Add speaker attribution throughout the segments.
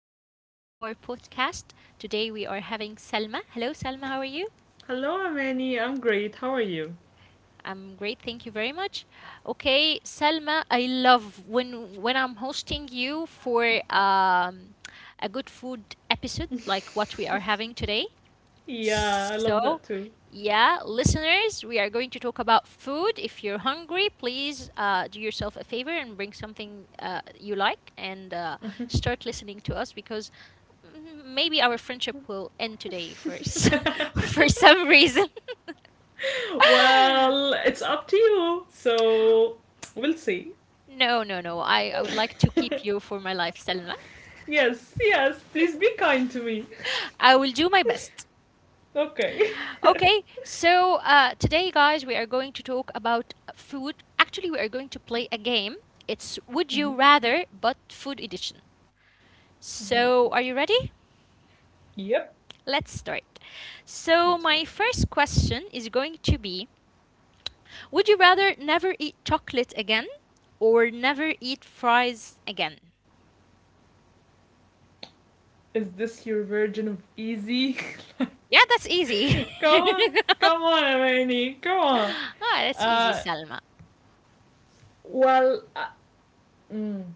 Speaker 1: new episode of our podcast. Today we are having Salma. Hello, Salma. How are you?
Speaker 2: Hello, Amani. I'm great. How are you?
Speaker 1: I'm great, thank you very much. Okay, Salma, I love when I'm hosting you for um, a good food episode like what we are having today.
Speaker 2: Yeah, I love that
Speaker 1: So,
Speaker 2: too.
Speaker 1: yeah, listeners, we are going to talk about food. If you're hungry, please do yourself a favor and bring something you like and start listening to us because maybe our friendship will end today for for some reason.
Speaker 2: Well, it's up to you. So, we'll see.
Speaker 1: No, no, no. I would like to keep you for my life, Selma.
Speaker 2: Yes, yes. Please be kind to me.
Speaker 1: I will do my best.
Speaker 2: Okay.
Speaker 1: Okay, so today, guys, we are going to talk about food. Actually, we are going to play a game. It's Would You
Speaker 2: Mm-hmm.
Speaker 1: Rather, but food edition.
Speaker 2: Mm-hmm.
Speaker 1: So, are you ready?
Speaker 2: Yep.
Speaker 1: Let's start. So,
Speaker 2: Let's
Speaker 1: my
Speaker 2: go.
Speaker 1: first question is going to be: Would you rather never eat chocolate again or never eat fries again?
Speaker 2: Is this your version of easy?
Speaker 1: Yeah, that's easy.
Speaker 2: Come on.
Speaker 1: ah,
Speaker 2: Come on, Amani. Come on.
Speaker 1: that's easy,
Speaker 2: Uh,
Speaker 1: Salma.
Speaker 2: well, Mm.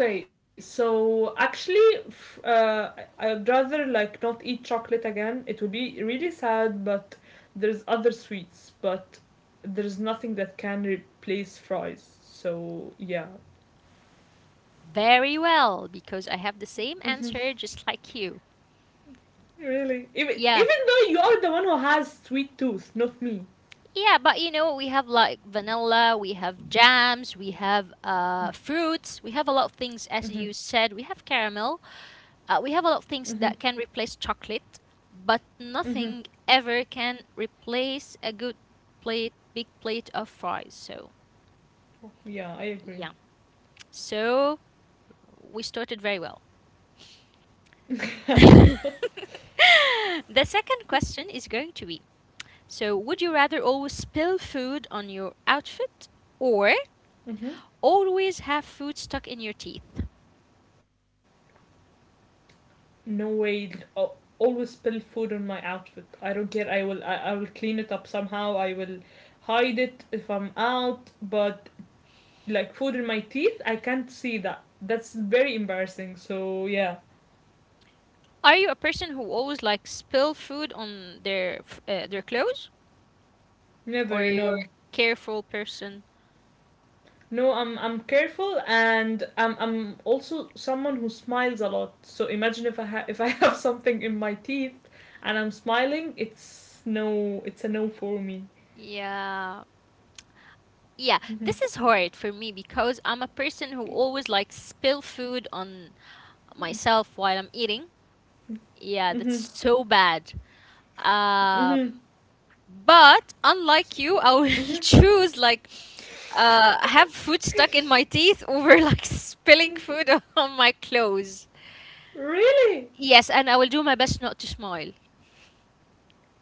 Speaker 2: Okay, so actually, I'd rather like not eat chocolate again. It would be really sad, but there's other sweets, but there's nothing that can replace fries. So yeah,
Speaker 1: Very well, because I have the same answer just like you.
Speaker 2: really, even
Speaker 1: Yeah,
Speaker 2: though you are the one who has sweet tooth, not me.
Speaker 1: yeah, but you know, we have like vanilla, we have jams, we have fruits, we have a lot of things, as you
Speaker 2: Mm-hmm.
Speaker 1: said, we have caramel, we have a lot of
Speaker 2: Mm-hmm.
Speaker 1: things that can replace chocolate, but
Speaker 2: Mm-hmm.
Speaker 1: nothing ever can replace a good plate, big plate of fries. So,
Speaker 2: Yeah, I
Speaker 1: yeah,
Speaker 2: agree.
Speaker 1: so we started very well. The second question is going to be: So, would you rather always spill food on your outfit or
Speaker 2: Mm-hmm.
Speaker 1: always have food stuck in your teeth?
Speaker 2: No way. I'll always spill food on my outfit. I don't care. I will, I will clean it up somehow. I will hide it if I'm out. But like food in my teeth, I can't see that. That's very embarrassing. So yeah.
Speaker 1: Are you a person who always like spill food on their their clothes, or
Speaker 2: Never,
Speaker 1: you're
Speaker 2: no.
Speaker 1: a careful person?
Speaker 2: No, I'm careful, and I'm also someone who smiles a lot. So imagine if if I have something in my teeth and I'm smiling. It's a no for me.
Speaker 1: Yeah. Yeah,
Speaker 2: Mm-hmm.
Speaker 1: this is hard for me because I'm a person who always like spill food on myself while I'm eating. Yeah,
Speaker 2: Mm-hmm.
Speaker 1: that's so bad. Um,
Speaker 2: Mm-hmm.
Speaker 1: but unlike you, I will
Speaker 2: Mm-hmm.
Speaker 1: choose like have food stuck in my teeth over like spilling food on my clothes.
Speaker 2: Really?
Speaker 1: Yes, and I will do my best not to smile.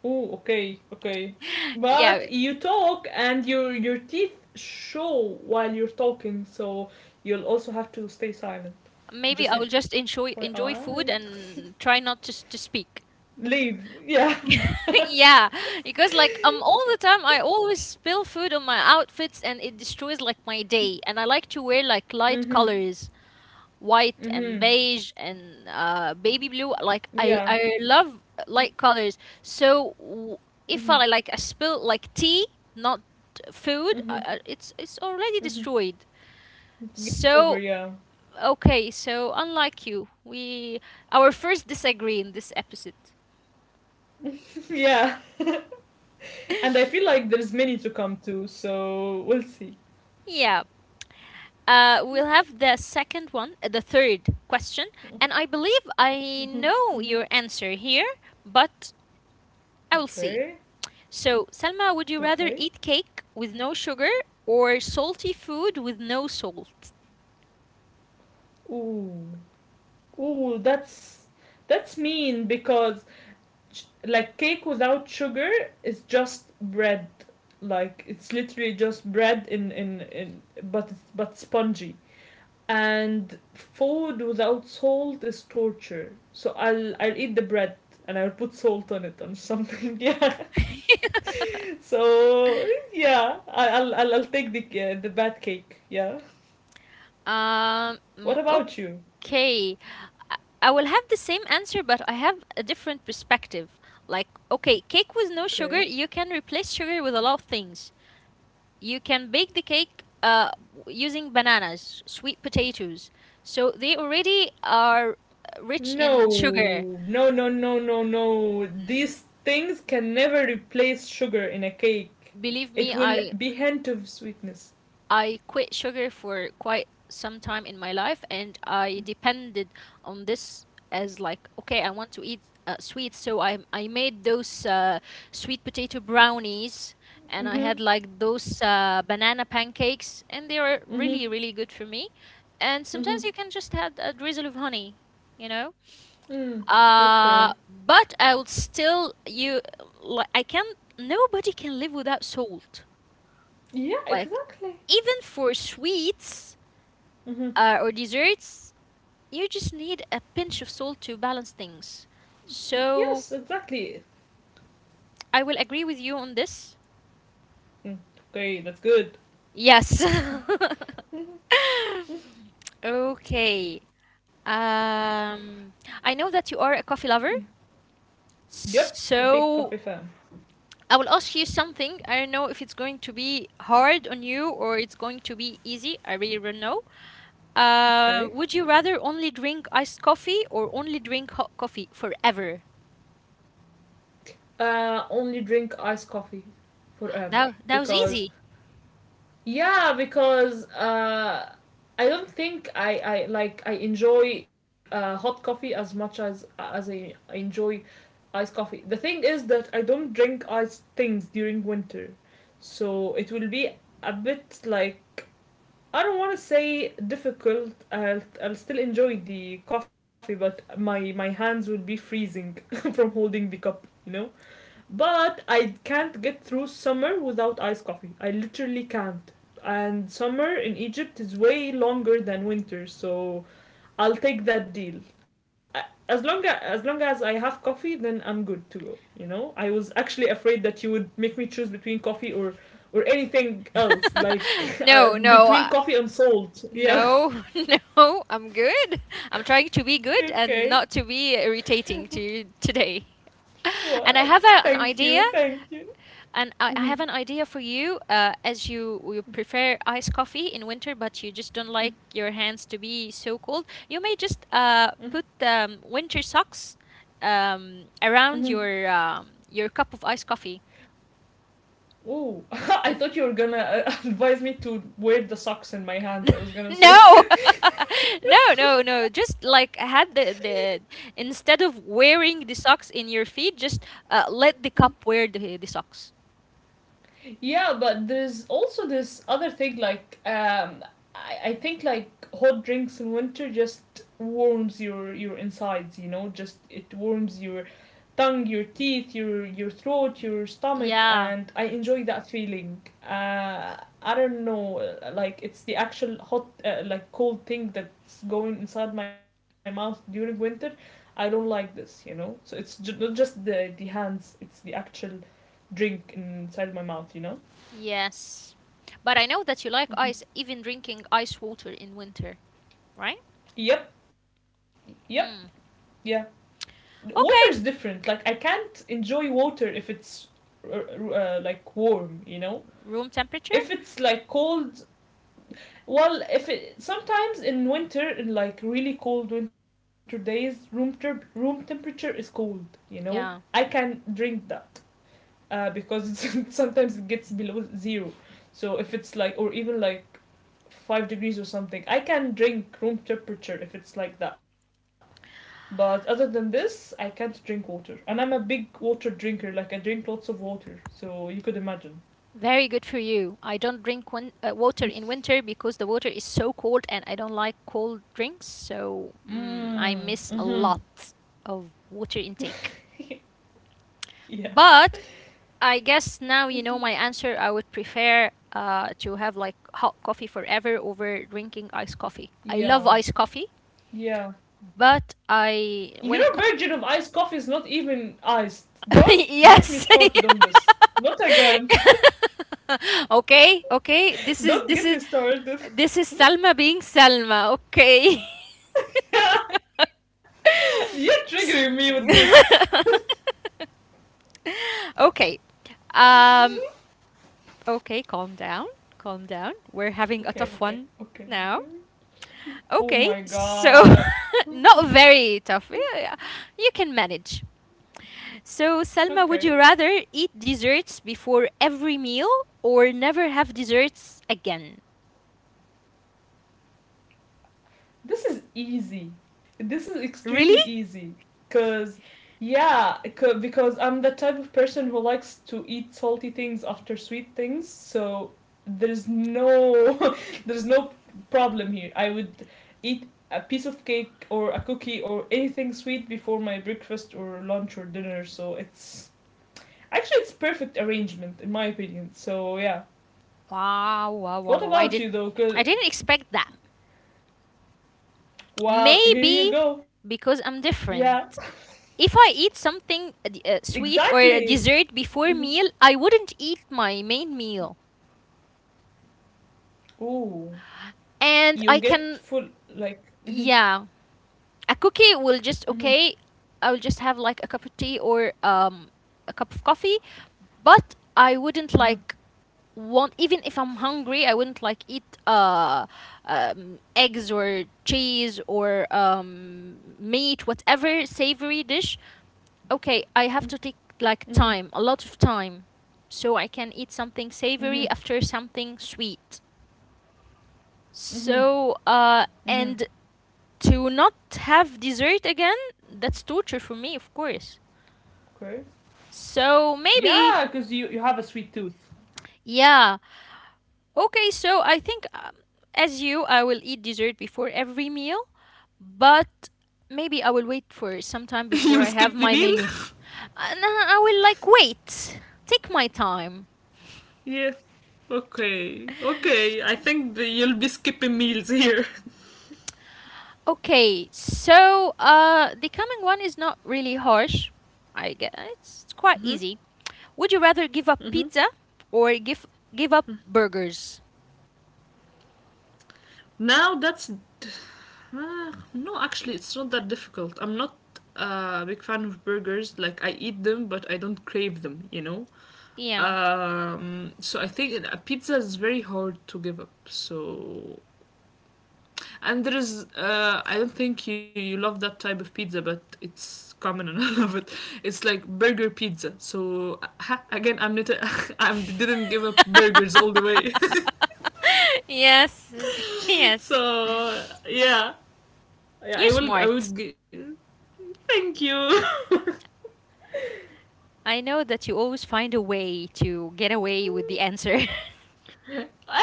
Speaker 2: Oh, okay, okay.
Speaker 1: Yeah,
Speaker 2: But you talk and your teeth show while you're talking, so you'll also have to stay silent.
Speaker 1: maybe I
Speaker 2: Just
Speaker 1: will just enjoy
Speaker 2: FYI.
Speaker 1: enjoy food and try not to to speak.
Speaker 2: Leave. Yeah.
Speaker 1: Yeah, because like all the time I always spill food on my outfits and it destroys like my day. And I like to wear like light
Speaker 2: Mhm.
Speaker 1: colors, white and
Speaker 2: Mhm.
Speaker 1: beige and baby blue.
Speaker 2: Yeah.
Speaker 1: Like I love light colors. So
Speaker 2: Mhm.
Speaker 1: if I like I spill like tea, not food,
Speaker 2: Mhm.
Speaker 1: it's already
Speaker 2: Mhm.
Speaker 1: destroyed.
Speaker 2: It's game over.
Speaker 1: So,
Speaker 2: Yeah.
Speaker 1: okay, so unlike you, we our first disagree in this episode.
Speaker 2: Yeah. And I feel like there's many to come to, so we'll see.
Speaker 1: Yeah. We'll have the second one, the third question, and I believe I know your answer here, but I will
Speaker 2: Okay.
Speaker 1: see. So, Salma, would you
Speaker 2: Okay.
Speaker 1: rather eat cake with no sugar or salty food with no salt?
Speaker 2: Ooh. Ooh. That's mean because like cake without sugar is just bread. Like it's literally just bread, in but it's but spongy. And food without salt is torture. So I'll eat the bread, and I'll put salt on it or something. Yeah. So yeah, I'll take the bad cake. Yeah.
Speaker 1: Um,
Speaker 2: What
Speaker 1: mm,
Speaker 2: about you?
Speaker 1: Okay. I I will have the same answer, but I have a different perspective. Like, okay, cake with no
Speaker 2: Okay.
Speaker 1: sugar, you can replace sugar with a lot of things. You can bake the cake using bananas, sweet potatoes. So they already are rich
Speaker 2: No,
Speaker 1: in sugar.
Speaker 2: no, no, no, no, no. These things can never replace sugar in a cake.
Speaker 1: Believe me,
Speaker 2: It
Speaker 1: I
Speaker 2: will be hint of sweetness.
Speaker 1: I quit sugar for quite some time in my life, and I depended on this as like, okay, I want to eat sweets, so I made those sweet potato brownies, and I had like
Speaker 2: Mhm,
Speaker 1: those banana pancakes, and they were really really good
Speaker 2: mhm,
Speaker 1: for me. And sometimes you can just
Speaker 2: mhm.
Speaker 1: add a drizzle of honey, you know.
Speaker 2: Mm.
Speaker 1: Uh,
Speaker 2: Okay.
Speaker 1: but I would still you like I can not nobody can live without salt, like
Speaker 2: Yeah,
Speaker 1: even
Speaker 2: exactly.
Speaker 1: for sweets or
Speaker 2: Mhm.
Speaker 1: desserts, you just need a pinch of salt to balance things. So
Speaker 2: Yes, exactly.
Speaker 1: I will agree with you on this.
Speaker 2: Mm. Okay, that's good.
Speaker 1: Yes. Okay. Um, I know that you are a coffee
Speaker 2: Mm.
Speaker 1: lover,
Speaker 2: Yep, big
Speaker 1: so
Speaker 2: coffee fan.
Speaker 1: I will ask you something. I don't know if it's going to be hard on you or it's going to be easy. I really don't know. Uh,
Speaker 2: Okay.
Speaker 1: would you rather only drink iced coffee or only drink hot coffee forever?
Speaker 2: Only drink iced coffee forever
Speaker 1: That was
Speaker 2: because
Speaker 1: easy.
Speaker 2: yeah, because I don't think I enjoy hot coffee as much as I enjoy iced coffee. The thing is that I don't drink iced things during winter, so it will be a bit like I don't want to say difficult. I'll still enjoy the coffee, but my hands will be freezing from holding the cup. You know. But I can't get through summer without iced coffee. I literally can't. And summer in Egypt is way longer than winter, so I'll take that deal. I- as long as I have coffee, then I'm good to go. You know, I was actually afraid that you would make me choose between coffee or anything else, like
Speaker 1: No, no.
Speaker 2: between coffee and salt. Yeah.
Speaker 1: No, no, I'm good. I'm trying to be good and
Speaker 2: Okay.
Speaker 1: not to be irritating to you today.
Speaker 2: What?
Speaker 1: And I have a,
Speaker 2: Thank
Speaker 1: an
Speaker 2: you.
Speaker 1: idea,
Speaker 2: Thank you.
Speaker 1: and I
Speaker 2: Hmm.
Speaker 1: have an idea for you. As you prefer iced coffee in winter, but you just don't like your hands to be so cold, you may just put winter socks around
Speaker 2: Hmm.
Speaker 1: your cup of iced coffee.
Speaker 2: Oh, I thought you were gonna advise me to wear the socks in my hands. I was gonna say.
Speaker 1: No, no, no, no. Just like had the instead of wearing the socks in your feet, just let the cup wear the socks.
Speaker 2: Yeah, but there's also this other thing, like I think like hot drinks in winter just warms your insides. You know, just it warms your tongue, your teeth, your throat, your stomach,
Speaker 1: Yeah.
Speaker 2: and I enjoy that feeling. Uh, I don't know, like it's the actual hot like cold thing that's going inside my mouth during winter. I don't like this, you know. So it's not just the hands; it's the actual drink inside of my mouth, you know.
Speaker 1: Yes. But I know that you like ice,
Speaker 2: Mm-hmm.
Speaker 1: even drinking ice water in winter, right?
Speaker 2: Yep. Yep.
Speaker 1: Hmm.
Speaker 2: Yeah. Water is
Speaker 1: Okay.
Speaker 2: different. Like I can't enjoy water if it's like warm, you know?
Speaker 1: Room temperature.
Speaker 2: If it's like cold, well, if it sometimes in winter in like really cold winter days, room room temperature is cold, you know? I
Speaker 1: Yeah.
Speaker 2: can drink that. Because sometimes it gets below 0. So if it's like, or even like, 5 degrees or something, I can drink room temperature if it's like that. But other than this, I can't drink water. And I'm a big water drinker, like I drink lots of water. So you could imagine.
Speaker 1: Very good for you. I don't drink water in winter because the water is so cold and I don't like cold drinks. So I miss
Speaker 2: Mm.
Speaker 1: a lot
Speaker 2: Mm-hmm.
Speaker 1: of water intake.
Speaker 2: Yeah.
Speaker 1: But I guess now you know my answer. I would prefer to have like hot coffee forever over drinking iced coffee. I love
Speaker 2: Yeah.
Speaker 1: iced coffee,
Speaker 2: Yeah.
Speaker 1: but
Speaker 2: Your
Speaker 1: I
Speaker 2: version
Speaker 1: when
Speaker 2: of
Speaker 1: it
Speaker 2: iced coffee is not even iced. Don't get me started
Speaker 1: yes.
Speaker 2: on this. Not again.
Speaker 1: Okay, okay. This is
Speaker 2: Don't get
Speaker 1: this
Speaker 2: me
Speaker 1: is
Speaker 2: started.
Speaker 1: this is Salma being Salma. Okay.
Speaker 2: You're triggering me with this.
Speaker 1: Okay. Um okay, calm down. Calm down. We're having a
Speaker 2: Okay,
Speaker 1: tough
Speaker 2: okay,
Speaker 1: one
Speaker 2: okay,
Speaker 1: now.
Speaker 2: okay. Oh
Speaker 1: Okay,
Speaker 2: my
Speaker 1: so
Speaker 2: god.
Speaker 1: not very tough. Yeah, yeah, you can manage. So, Salma, would you
Speaker 2: Okay.
Speaker 1: rather eat desserts before every meal or never have desserts again?
Speaker 2: This is easy. This is
Speaker 1: Really?
Speaker 2: extremely easy. Cause yeah, because I'm the type of person who likes to eat salty things after sweet things. So there's no there's no problem here. I would eat a piece of cake or a cookie or anything sweet before my breakfast or lunch or dinner. So it's actually it's perfect arrangement in my opinion. So yeah.
Speaker 1: Wow, wow, wow,
Speaker 2: What
Speaker 1: wow. I
Speaker 2: about
Speaker 1: did
Speaker 2: you though?
Speaker 1: I didn't expect that.
Speaker 2: Well, here you
Speaker 1: Maybe
Speaker 2: go.
Speaker 1: because
Speaker 2: Yeah,
Speaker 1: I'm different. If I eat something sweet
Speaker 2: exactly.
Speaker 1: or a dessert before meal, I wouldn't eat my main meal.
Speaker 2: Oh,
Speaker 1: And I
Speaker 2: you
Speaker 1: can,
Speaker 2: get full like.
Speaker 1: yeah, a cookie will just,
Speaker 2: Mm-hmm,
Speaker 1: okay, I will just have like a cup of tea or a cup of coffee, but I wouldn't
Speaker 2: mm-hmm,
Speaker 1: like want, even if I'm hungry I wouldn't like eat eggs or cheese or meat, whatever savory dish. Okay, I have to take
Speaker 2: mm-hmm,
Speaker 1: like time, a lot of time, so I can eat something savory
Speaker 2: mm-hmm.
Speaker 1: after something sweet. So and to not have dessert again, that's torture for me, of course.
Speaker 2: Okay.
Speaker 1: So
Speaker 2: Yeah,
Speaker 1: maybe,
Speaker 2: because you have a sweet tooth.
Speaker 1: yeah. Okay, so I think as you, I will eat dessert before every meal, but maybe I will wait for some time before
Speaker 2: You'll
Speaker 1: I have
Speaker 2: skip the
Speaker 1: my
Speaker 2: meal?
Speaker 1: main meal. And I will like wait, take my time.
Speaker 2: Yeah. Okay, okay. I think you'll be skipping meals here.
Speaker 1: Okay, so the coming one is not really harsh. I guess it's quite easy. Would you rather give up pizza or give up burgers?
Speaker 2: Now that's no, actually, it's not that difficult. I'm not a big fan of burgers. Like I eat them, but I don't crave them. You know.
Speaker 1: Yeah.
Speaker 2: So I think a pizza is very hard to give up. So, and there is, I don't think you love that type of pizza, but it's common, and I love it. It's like burger pizza. So ha, again, I'm not, I didn't give up burgers all the way.
Speaker 1: Yes,
Speaker 2: So
Speaker 1: yes.
Speaker 2: yeah,
Speaker 1: You're
Speaker 2: I will, I
Speaker 1: smart.
Speaker 2: would. Thank you. Well,
Speaker 1: I know that you always find a way to get away with the answer.
Speaker 2: I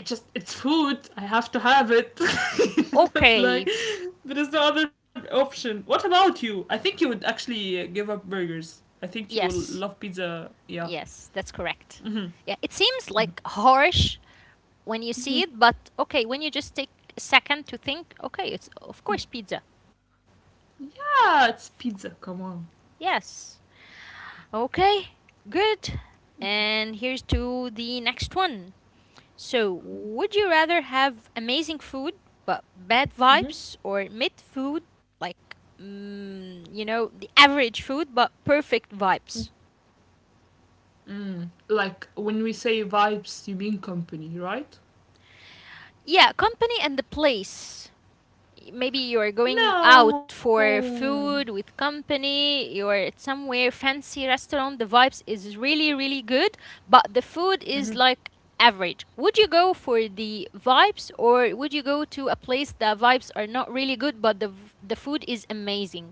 Speaker 2: just it's food. I have to have it. That's like
Speaker 1: Okay.
Speaker 2: there is no other option. What about you? I think you would actually give up burgers. I think you will
Speaker 1: Yes.
Speaker 2: love pizza. Yeah.
Speaker 1: Yes, that's correct.
Speaker 2: Hmm.
Speaker 1: Yeah, it seems like harsh when you see it, but okay, when you just take a second to think, okay, it's of course pizza.
Speaker 2: Yeah, it's pizza. Come on.
Speaker 1: Yes. Okay. Good. And here's to the next one. So, would you rather have amazing food but bad
Speaker 2: Mhm.
Speaker 1: vibes, or mid food, like, the average food but perfect vibes?
Speaker 2: Mm. Like when we say vibes, you mean company, right?
Speaker 1: Yeah, company and the place. Maybe you're going out for
Speaker 2: No.
Speaker 1: food with company. You're at somewhere fancy restaurant, the vibes is really really good, but the food is
Speaker 2: Mhm.
Speaker 1: like average. Would you go for the vibes, or would you go to a place the vibes are not really good but the the food is amazing?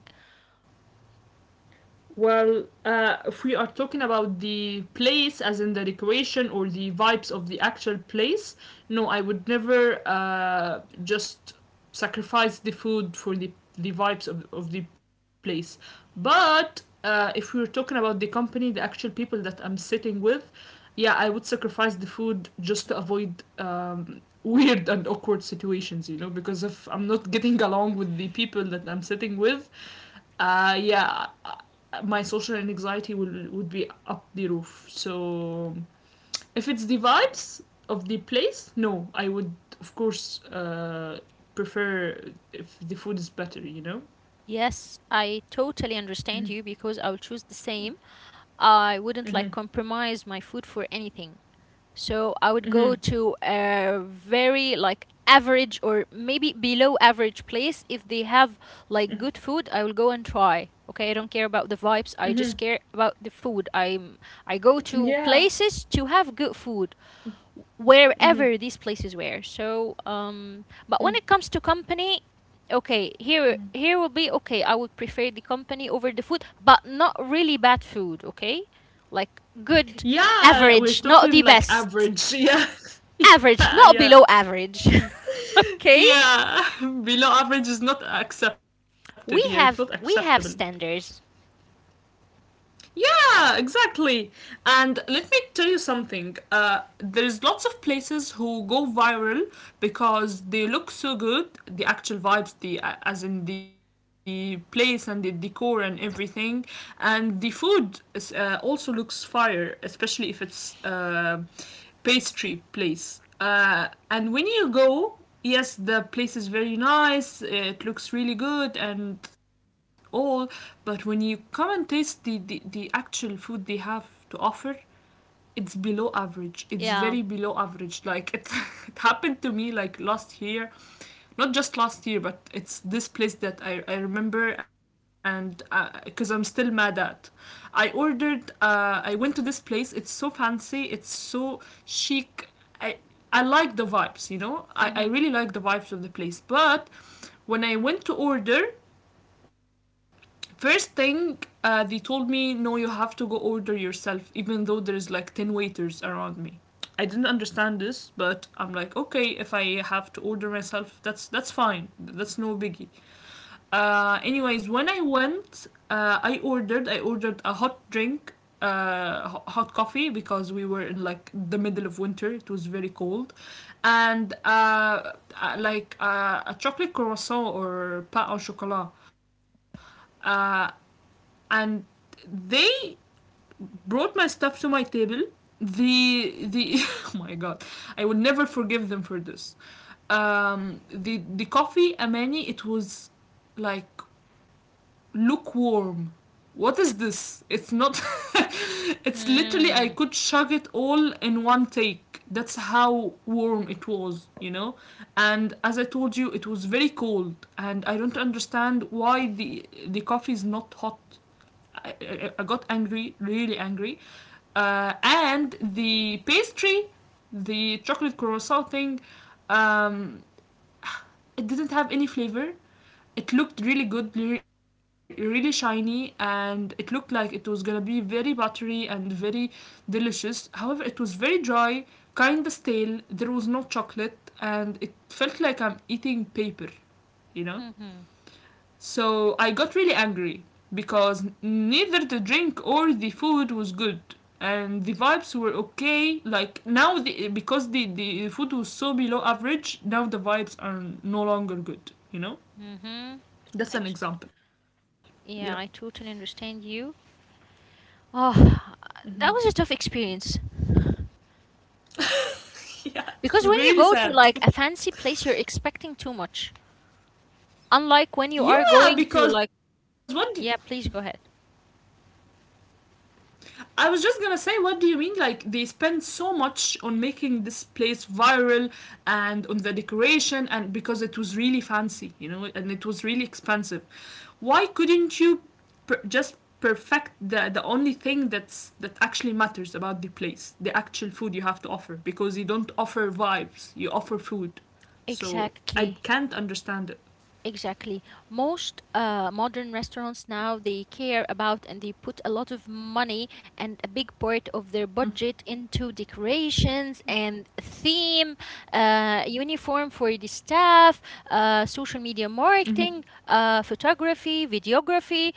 Speaker 2: Well, if we are talking about the place, as in the decoration or the vibes of the actual place, no, I would never just sacrifice the food for the vibes of the place. But if we are talking about the company, the actual people that I'm sitting with, yeah, I would sacrifice the food just to avoid weird and awkward situations, you know, because if I'm not getting along with the people that I'm sitting with, yeah, my social anxiety will would be up the roof. So if it's the vibes of the place, no, I would of course prefer if the food is better. You know.
Speaker 1: Yes, I totally understand you because I will choose the same. I wouldn't
Speaker 2: Mm-hmm.
Speaker 1: like compromise my food for anything. So I would go
Speaker 2: Mm-hmm.
Speaker 1: to a very like average or maybe below average place. If they have like good food, I will go and try. Okay, I don't care about the vibes. I
Speaker 2: Mm-hmm.
Speaker 1: just care about the food. I go to
Speaker 2: Yeah.
Speaker 1: places to have good food
Speaker 2: Mm-hmm.
Speaker 1: wherever these places were. So but when it comes to company, okay, here
Speaker 2: Mm-hmm.
Speaker 1: here will be okay. I would prefer the company over the food, but not really bad food, okay? Like good
Speaker 2: Yeah, we're
Speaker 1: average, not the
Speaker 2: talking like
Speaker 1: best
Speaker 2: average. Yeah,
Speaker 1: average,
Speaker 2: yeah,
Speaker 1: not
Speaker 2: yeah,
Speaker 1: below average. Okay?
Speaker 2: yeah. Below average is not accepted here. It's not
Speaker 1: We have
Speaker 2: acceptable.
Speaker 1: we have standards.
Speaker 2: Yeah, exactly. And let me tell you something. There's lots of places who go viral because they look so good. The actual vibes, the as in the place and the decor and everything, and the food is, also looks fire, especially if it's. Pastry place. And when you go, yes, the place is very nice. It looks really good and all. But when you come and taste the actual food they have to offer, it's below average. It's very
Speaker 1: Yeah.
Speaker 2: below average. Like it, it happened to me like last year, not just last year, but it's this place that I remember, and because I'm still mad at. I ordered. I went to this place. It's so fancy. It's so chic. I I like the vibes. You know. I
Speaker 1: Mhm.
Speaker 2: really like the vibes of the place. But when I went to order, first thing, they told me, no, you have to go order yourself, even though there's like 10 waiters around me. I didn't understand this, but I'm like, okay, if I have to order myself, that's fine. That's no biggie. Anyways, when I went, I ordered a hot drink, hot coffee, because we were in like the middle of winter. It was very cold, and like a chocolate croissant or pain au chocolat. Uh, and they brought my stuff to my table. The Oh my god. I will never forgive them for this. The coffee, Amani, it was like lukewarm. What is this? It's not it's literally, I
Speaker 1: Mm.
Speaker 2: could chug it all in one take. That's how warm it was, you know. And as I told you, it was very cold, and I don't understand why the coffee is not hot. I got angry, really angry. And the pastry, the chocolate croissant thing, um, it didn't have any flavor. It looked really good, really shiny, and it looked like it was gonna be very buttery and very delicious. However, it was very dry, kinda stale. There was no chocolate, and it felt like I'm eating paper, you know? So I got really angry because neither the drink or the food was good and the vibes were okay. Like now because the food was so below average, now the vibes are no longer good.
Speaker 1: Mhm.
Speaker 2: That's
Speaker 1: I
Speaker 2: an
Speaker 1: t-
Speaker 2: example. Yeah.
Speaker 1: yeah, I totally understand you. Oh, that was a tough experience
Speaker 2: Yeah, it's
Speaker 1: because when you
Speaker 2: really
Speaker 1: go to
Speaker 2: sad.
Speaker 1: like a fancy place, you're expecting too much. Unlike when you are
Speaker 2: Yeah,
Speaker 1: going to
Speaker 2: because
Speaker 1: like,
Speaker 2: what
Speaker 1: yeah, please go ahead.
Speaker 2: I was just gonna say, what do you mean? Like they spend so much on making this place viral and on the decoration, and because it was really fancy, and it was really expensive. Why couldn't you just perfect the only thing that actually matters about the place, the actual food you have to offer? Because you don't offer vibes, you offer food. So I
Speaker 1: Exactly.
Speaker 2: can't understand it.
Speaker 1: Exactly. Most modern restaurants now they care about and they put a lot of money and a big part of their budget into decorations and theme, uniform for the staff, social media
Speaker 2: Mm-hmm.
Speaker 1: marketing, photography, videography.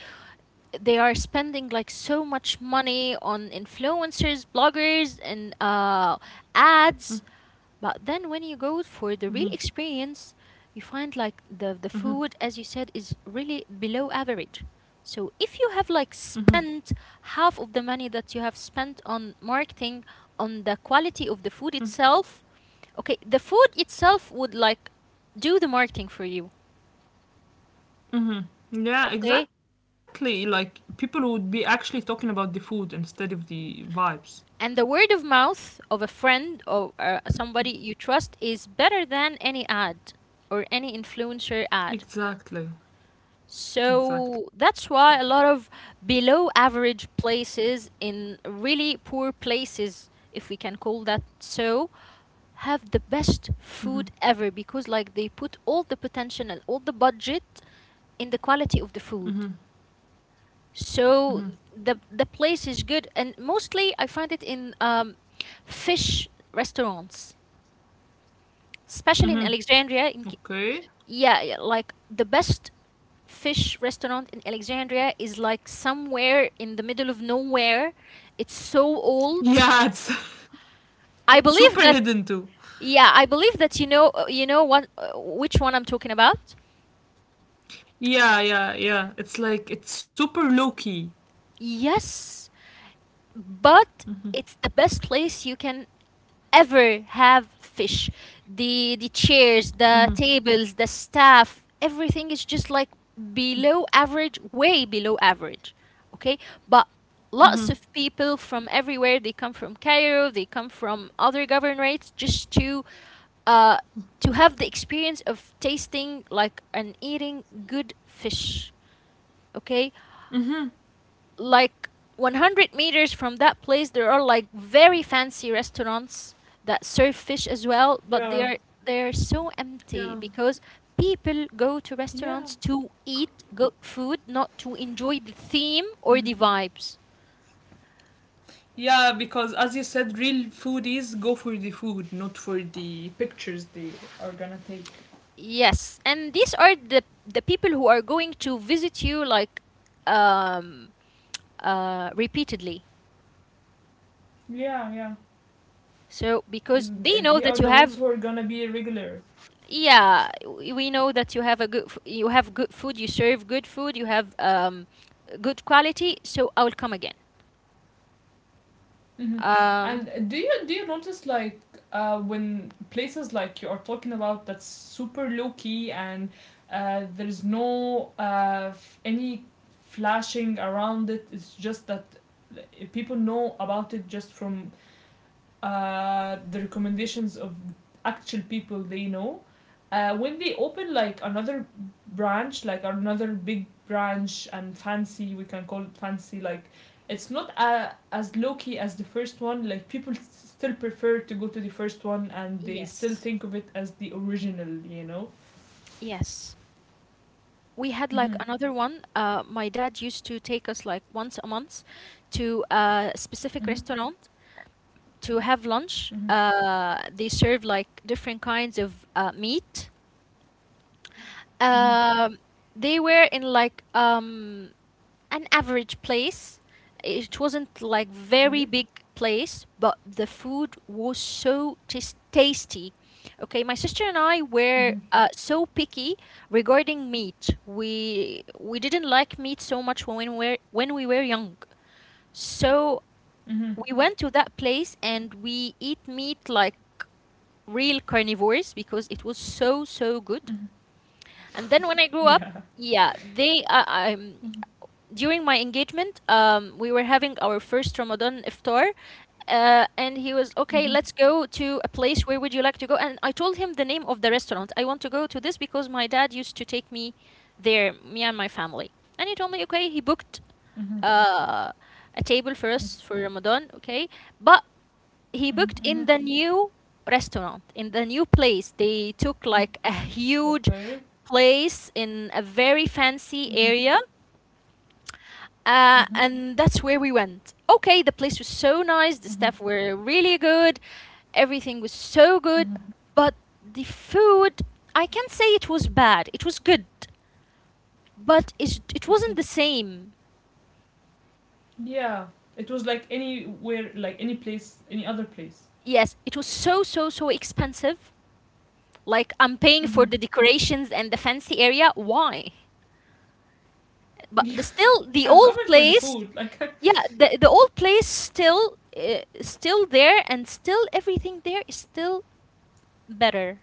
Speaker 1: They are spending like so much money on influencers, bloggers, and ads.
Speaker 2: Mm-hmm.
Speaker 1: But then when you go for the real
Speaker 2: Mm-hmm.
Speaker 1: experience, you find like the
Speaker 2: Mm-hmm.
Speaker 1: food, as you said, is really below average. So if you have like
Speaker 2: Mm-hmm.
Speaker 1: spent half of the money that you have spent on marketing on the quality of the food itself, okay, the food itself would like do the marketing for you,
Speaker 2: Hmm. Yeah,
Speaker 1: okay?
Speaker 2: exactly. Like people would be actually talking about the food instead of the vibes.
Speaker 1: And the word of mouth of a friend or somebody you trust is better than any ad or any influencer ad.
Speaker 2: Exactly.
Speaker 1: So
Speaker 2: Exactly.
Speaker 1: that's why a lot of below average places in really poor places, if we can call that so, have the best food ever because like they put all the potential and all the budget in the quality of the food. So the place is good and mostly I find it in fish restaurants, especially in Alexandria in,
Speaker 2: Okay.
Speaker 1: yeah, yeah, like the best fish restaurant in Alexandria is like somewhere in the middle of nowhere. It's so old.
Speaker 2: Yeah, it's, yeah,
Speaker 1: I
Speaker 2: it's
Speaker 1: believe
Speaker 2: super
Speaker 1: that.
Speaker 2: hidden too.
Speaker 1: Yeah, I believe that, you know, you know what which one I'm talking about.
Speaker 2: Yeah, yeah, yeah. It's like it's super low key.
Speaker 1: Yes, but it's the best place you can ever have fish. The chairs, the
Speaker 2: Yeah.
Speaker 1: tables, the staff, everything is just like below average, way below average. Okay? But lots of people from everywhere, they come from Cairo, they come from other governorates just uh to have the experience of tasting like and eating good fish. Okay? Like 100 meters from that place there are like very fancy restaurants that serve fish as well, but they
Speaker 2: Yeah.
Speaker 1: are, they're so empty because people go to
Speaker 2: Yeah.
Speaker 1: restaurants to eat good food, not to enjoy the theme or the vibes.
Speaker 2: Yeah, because as you said, real foodies go for the food, not for the pictures they are gonna take.
Speaker 1: Yes, and these are the people who are going to visit you like um repeatedly,
Speaker 2: Yeah, yeah.
Speaker 1: so because they know
Speaker 2: They
Speaker 1: that
Speaker 2: are
Speaker 1: you
Speaker 2: the ones
Speaker 1: have,
Speaker 2: who are gonna be regular.
Speaker 1: yeah, we know that you have a good you have good food, you serve good food, you have good quality, so I will come again.
Speaker 2: Hmm.
Speaker 1: um
Speaker 2: And do you notice like when places like you are talking about that's super low key and there's no any flashing around it. It's just that uh, people know about it just from the recommendations of actual people they know. When they open like another branch, like another big branch and fancy, we can call it fancy. Like it's not as low key as the first one. Like people still prefer to go to the first one, and they still
Speaker 1: yes,
Speaker 2: think of it as the original.
Speaker 1: yes, we had like
Speaker 2: Mhm.
Speaker 1: another one. My dad used to take us like once a month to a specific
Speaker 2: Mhm.
Speaker 1: restaurant to have lunch.
Speaker 2: Mhm.
Speaker 1: They serve like different kinds of meat.
Speaker 2: Mhm.
Speaker 1: um they were in like an average place. It wasn't like very
Speaker 2: Okay.
Speaker 1: big place, but the food was so tasty. Okay, my sister and I were
Speaker 2: Mhm.
Speaker 1: so picky regarding meat. We didn't like meat so much when we were young. So
Speaker 2: Mhm.
Speaker 1: we went to that place and we eat meat like real carnivores because it was so so good.
Speaker 2: Mhm.
Speaker 1: And then when I grew up,
Speaker 2: Yeah.
Speaker 1: yeah, they
Speaker 2: Mhm.
Speaker 1: during my engagement, we were having our first Ramadan iftar, and he was okay.
Speaker 2: Mhm.
Speaker 1: Let's go to a place. Where would you like to go? And I told him the name of the restaurant. I want to go to this because my dad used to take me there, me and my family. And he told me, okay, he booked
Speaker 2: Mhm.
Speaker 1: uh, a table for
Speaker 2: Mhm.
Speaker 1: us for Ramadan, okay, but he booked in
Speaker 2: Mhm.
Speaker 1: the new restaurant in the new place. They took
Speaker 2: Mhm.
Speaker 1: like a huge
Speaker 2: Okay.
Speaker 1: place in a very fancy
Speaker 2: Mhm.
Speaker 1: area.
Speaker 2: Mhm.
Speaker 1: And that's where we went. Okay, the place was so nice, the
Speaker 2: Mhm.
Speaker 1: staff were really good, everything was so good,
Speaker 2: Mhm.
Speaker 1: but the food, I can't say it was bad. It was good, but it wasn't
Speaker 2: Mhm.
Speaker 1: the same.
Speaker 2: Yeah, it was like anywhere, like any place, any other place.
Speaker 1: Yes, it was so, so, so expensive. Like, I'm paying for
Speaker 2: Mm-hmm.
Speaker 1: the decorations and the fancy area. Why? But
Speaker 2: Yeah,
Speaker 1: still, the
Speaker 2: I'm
Speaker 1: old
Speaker 2: coming for the
Speaker 1: place,
Speaker 2: food. Like,
Speaker 1: yeah, the old place still still there, and still everything there is still better.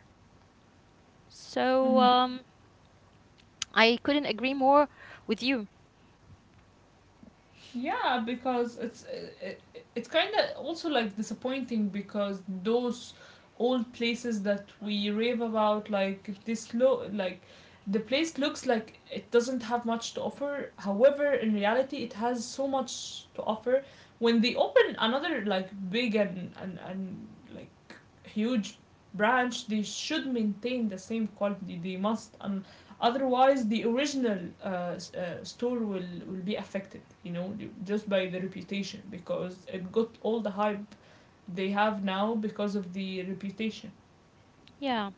Speaker 1: So,
Speaker 2: mm-hmm.
Speaker 1: I couldn't agree more with you.
Speaker 2: Yeah, because it's kind of also like disappointing because those old places that we rave about, like this lo like the place looks like it doesn't have much to offer. However, in reality, it has so much to offer. When they open another like big and like huge branch, they should maintain the same quality. They must. Otherwise, the original store will be affected, just by the reputation because it got all the hype they have now because of the reputation.
Speaker 1: Yeah.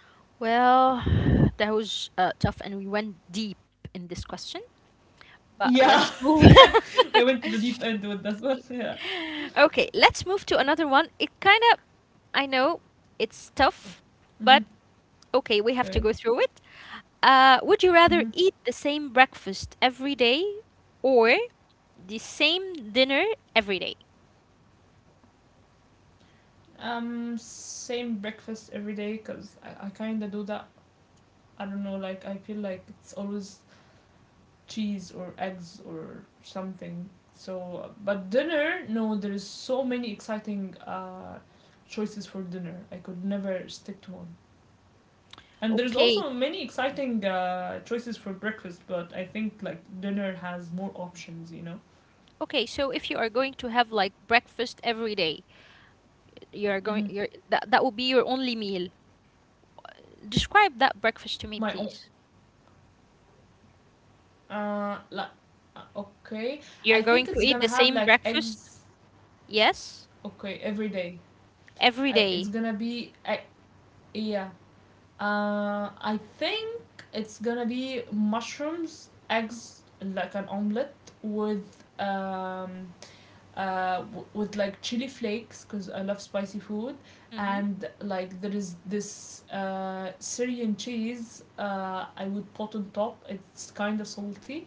Speaker 2: Mhm.
Speaker 1: Well, that was tough, and we went deep in this question. But
Speaker 2: Yeah,
Speaker 1: let's move.
Speaker 2: we went to the deep end with that one. Yeah.
Speaker 1: okay, let's move to another one. It kind of, I know, it's tough, but
Speaker 2: Mm-hmm.
Speaker 1: okay, we have to go through
Speaker 2: Okay.
Speaker 1: it. Would you rather eat
Speaker 2: Mm-hmm.
Speaker 1: the same breakfast every day or the same dinner every day?
Speaker 2: Same breakfast every day because I kind of do that. I don't know, like, I feel like it's always cheese or eggs or something. So, but dinner, no, there is so many exciting choices for dinner. I could never stick to one. And there's
Speaker 1: Okay.
Speaker 2: also many exciting choices for breakfast, but I think like dinner has more options, you know.
Speaker 1: Okay, so if you are going to have like breakfast every day, You're going
Speaker 2: Mm-hmm.
Speaker 1: you're that that will be your only meal. Describe that breakfast to me,
Speaker 2: My own,
Speaker 1: please.
Speaker 2: uh, like, okay,
Speaker 1: You're
Speaker 2: I
Speaker 1: going
Speaker 2: think
Speaker 1: to
Speaker 2: it's
Speaker 1: eat the
Speaker 2: gonna have
Speaker 1: same
Speaker 2: like
Speaker 1: breakfast?
Speaker 2: eggs.
Speaker 1: Yes,
Speaker 2: Okay, every day.
Speaker 1: every
Speaker 2: I, it's
Speaker 1: day.
Speaker 2: gonna be, I, yeah, I think it's gonna be mushrooms, eggs, like an omelet with with like chili flakes because I love spicy food,
Speaker 1: Mhm.
Speaker 2: and like there is this Syrian cheese I would put on top. It's kind of salty,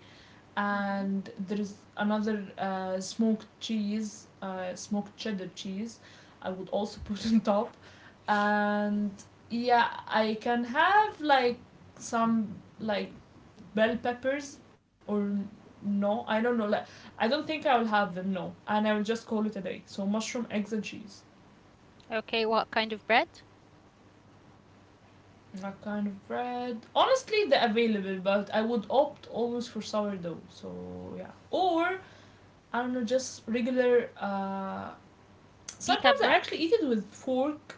Speaker 1: Mhm.
Speaker 2: and there is another smoked cheese, smoked cheddar cheese. I would also put on top, and yeah, I can have like some like bell peppers or no, I don't know. Like, I don't think I will have them. No, and I will just call it a day. So mushroom, eggs, and cheese.
Speaker 1: Okay, what kind of bread?
Speaker 2: That kind of bread. Honestly, they're available, but I would opt always for sourdough. So yeah, or I don't know, just regular
Speaker 1: Pita
Speaker 2: sometimes I
Speaker 1: bread?
Speaker 2: actually eat it with fork.